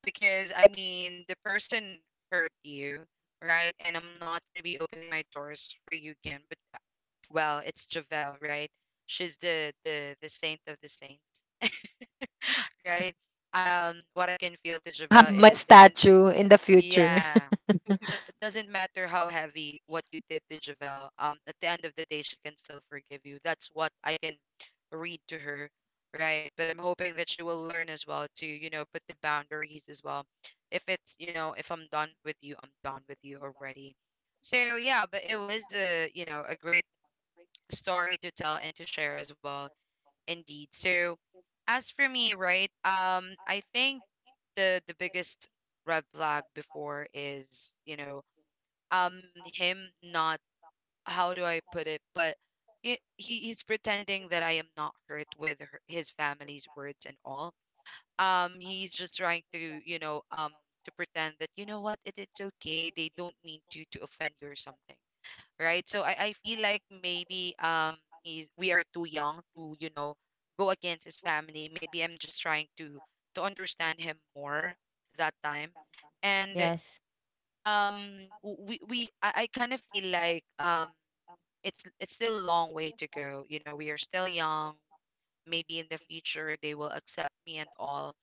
Speaker 1: Because, I mean, the person hurt you, right? And I'm not going to be opening my doors for you again. But, well, it's Javelle, right? She's the saint of the saints, right? What I can feel to
Speaker 3: Have
Speaker 1: Javelle
Speaker 3: my
Speaker 1: is, doesn't,
Speaker 3: statue in the future.
Speaker 1: yeah. Doesn't matter how heavy what you did to Javelle. At the end of the day, she can still forgive you. That's what I can read to her, right? But I'm hoping that she will learn as well to, you know, put the boundaries as well. If I'm done with you, I'm done with you already. So yeah, but it was a great story to tell and to share as well, indeed. So as for me, right? I think the biggest red flag before is, him not, how do I put it, but he's pretending that I am not hurt with her, his family's words and all. He's just trying to, to pretend that, you know what, it's okay, they don't mean to offend you or something, right? So I feel like maybe, he's we are too young to, go against his family. Maybe I'm just trying to understand him more that time. And
Speaker 2: Yes.
Speaker 1: um I kind of feel like it's still a long way to go, you know, we are still young, maybe in the future they will accept me and all,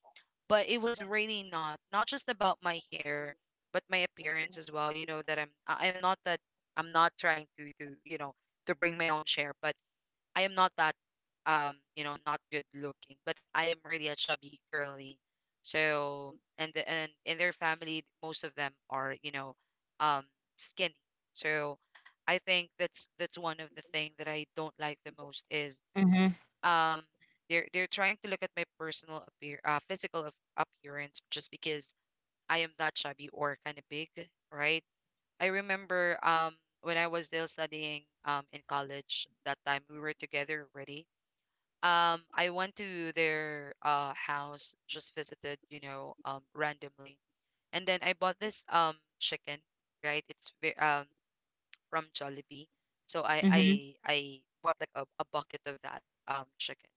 Speaker 1: but it was really not just about my hair, but my appearance as well, you know, that I'm not that, I'm not trying to, you know, to bring my own share, but I am not that, not good looking, but I am really a chubby girly. So, and the- and in their family, most of them are, um skinny. So I think that's one of the thing that I don't like the most is
Speaker 2: Mhm.
Speaker 1: um they're trying to look at my personal appear physical appearance just because I am that chubby or kind of big, right? I remember when I was still studying in college. That time we were together already. I went to their house, just visited, you know, randomly, and then I bought this chicken, right? It's from Jollibee, so I I
Speaker 2: Mhm.
Speaker 1: I bought like a bucket of that chicken.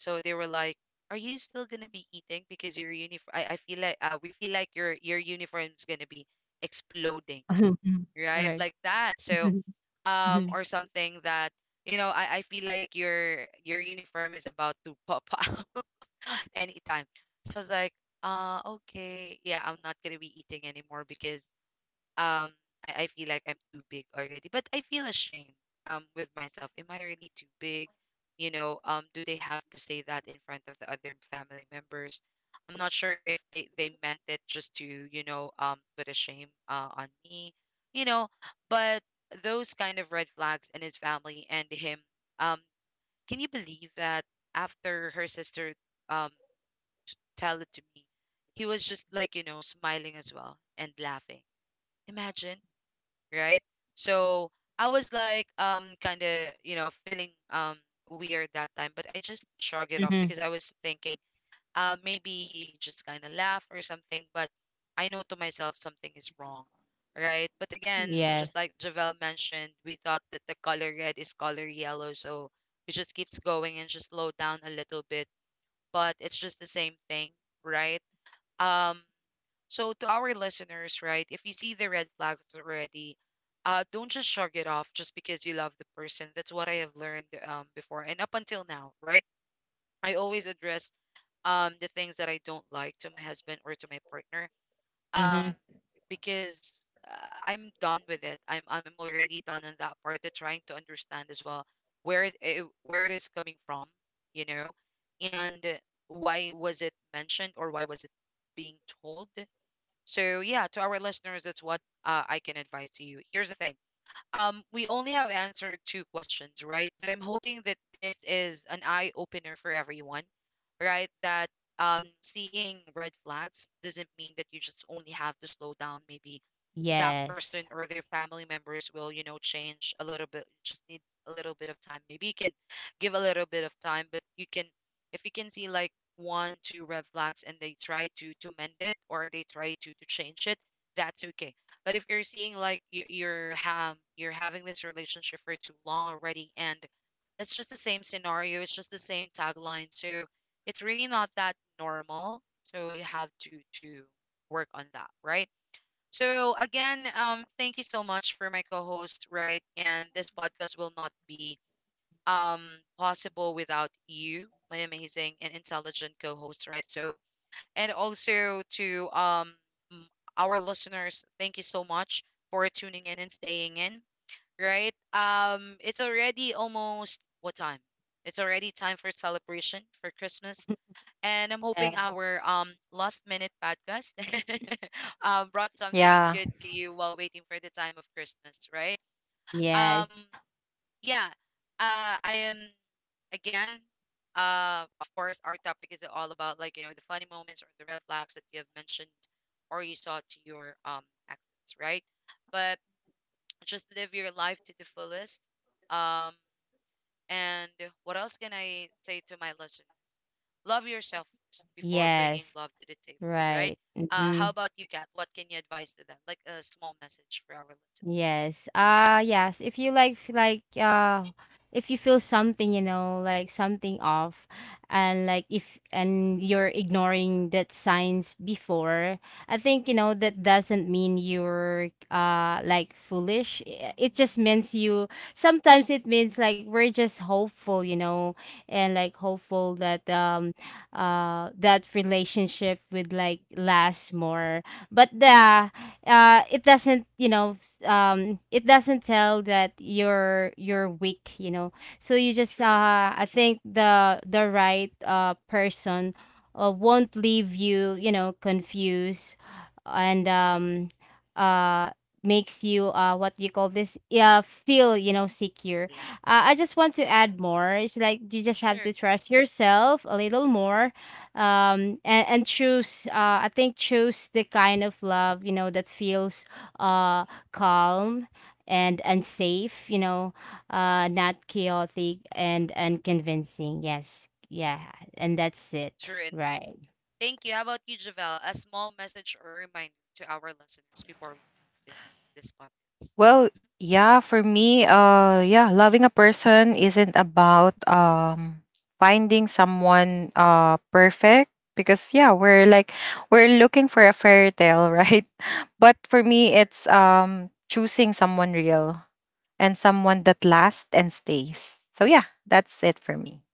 Speaker 1: So they were like, are you still gonna be eating? Because your uniform, I feel like your uniform's gonna be exploding,
Speaker 2: Mhm.
Speaker 1: right?
Speaker 2: Right.
Speaker 1: Like that. So
Speaker 2: Mhm. Mhm.
Speaker 1: or something that, you know, I feel like your uniform is about to pop out anytime. So I was like, okay, yeah, I'm not gonna be eating anymore because um I feel like I'm too big already. But I feel ashamed with myself. Am I really too big? You know, do they have to say that in front of the other family members? I'm not sure if they they meant it just to, you know, put a shame on me, you know, but those kind of red flags in his family and him, um can you believe that after her sister, um tell it to me, he was just like, smiling as well and laughing, imagine, right? So I was like, kind of, you know, feeling weird that time, but I just shrugged it
Speaker 2: Mhm.
Speaker 1: off because I was thinking, maybe he just kind of laughed or something. But I know to myself, something is wrong, right? But again,
Speaker 2: Yes.
Speaker 1: just like Javel mentioned, we thought that the color red is color yellow, so it just keeps going and just slow down a little bit, but it's just the same thing, right? Um so to our listeners, right, if you see the red flags already, don't just shrug it off just because you love the person. That's what I have learned, before and up until now, right? I always address the things that I don't like to my husband or to my partner,
Speaker 2: Mhm.
Speaker 1: um because, I'm done with it. I'm already done on that part. Of trying to understand as well where it where it is coming from, you know, and why was it mentioned or why was it being told. So yeah, to our listeners, that's what, I can advise to you. Here's the thing. We only have answered two questions, right? But I'm hoping that this is an eye opener for everyone, right? That, seeing red flags doesn't mean that you just only have to slow down. Maybe that
Speaker 2: Yes.
Speaker 1: person or their family members will, you know, change a little bit, just needs a little bit of time, maybe you can give a little bit of time. But you can, if you can see like one two red flags and they try to mend it, or they try to change it, that's okay. But if you're seeing like, you're having this relationship for too long already, and it's just the same scenario, it's just the same tagline, so it's really not that normal, so you have to work on that, right? So again, thank you so much for my co-host, right? And this podcast will not be possible without you, my amazing and intelligent co-host, right? So, and also to, m- our listeners, thank you so much for tuning in and staying in, right? It's already almost what time? It's already time for celebration for Christmas, and I'm hoping
Speaker 2: Yes.
Speaker 1: our last minute podcast brought
Speaker 3: Yeah.
Speaker 1: something good to you while waiting for the time of Christmas, right?
Speaker 2: Yes.
Speaker 1: Um yeah. I am again, of course, our topic is all about, like, you know, the funny moments or the red flags that you have mentioned, or you saw to your exes, right? But just live your life to the fullest. Um and what else can I say to my listeners? Love yourself first before bringing
Speaker 2: Yes.
Speaker 1: love to the table, right?
Speaker 2: Right. Mhm.
Speaker 1: How about you, Kat? What can you advise to them? Like a small message for our listeners.
Speaker 2: Yes. Yes, if you like— if you feel something, you know, like something off, and like if— and you're ignoring that signs before, I think, you know, that doesn't mean you're like foolish. It just means you— sometimes it means, like, we're just hopeful, you know, and like, hopeful that that relationship would like last more. But
Speaker 1: Mm-mm,
Speaker 2: the— it doesn't, you know, it doesn't tell that you're weak, you know. So you just,
Speaker 1: true.
Speaker 2: I think, the right person won't leave you, you know, confused, and uh makes you, what you call this, yeah, feel, you know, secure.
Speaker 1: Last.
Speaker 2: I just want to add more, it's like, you just have
Speaker 1: Sure.
Speaker 2: to trust yourself a little more, and, choose, I think, choose the kind of love, you know, that feels, uh calm and— safe, you know, not chaotic, and convincing. Yes, yeah. And that's it,
Speaker 1: True enough.
Speaker 2: right?
Speaker 1: Thank you. How about you, Javel? A small message or reminder to our listeners before we end this podcast.
Speaker 3: Well,
Speaker 1: Mhm.
Speaker 3: yeah, for me, yeah, loving a person isn't about finding someone perfect, because, yeah, we're like we're looking for a fairy tale, right? But for me,
Speaker 1: True.
Speaker 3: it's choosing someone real, and someone that lasts and stays. So yeah, that's it for me.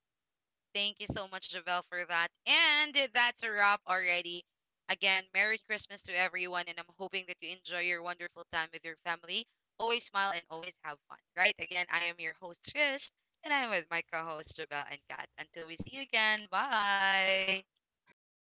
Speaker 1: Thank you so much, Javel, for that. And that's a wrap already. Again, Merry Christmas to everyone, and I'm hoping that you enjoy your wonderful time with your family. Always smile and always have fun, right? Again, I am your host, Trish, and I'm with my co host, Javel and Kat. Until we see you again, bye.
Speaker 3: Thank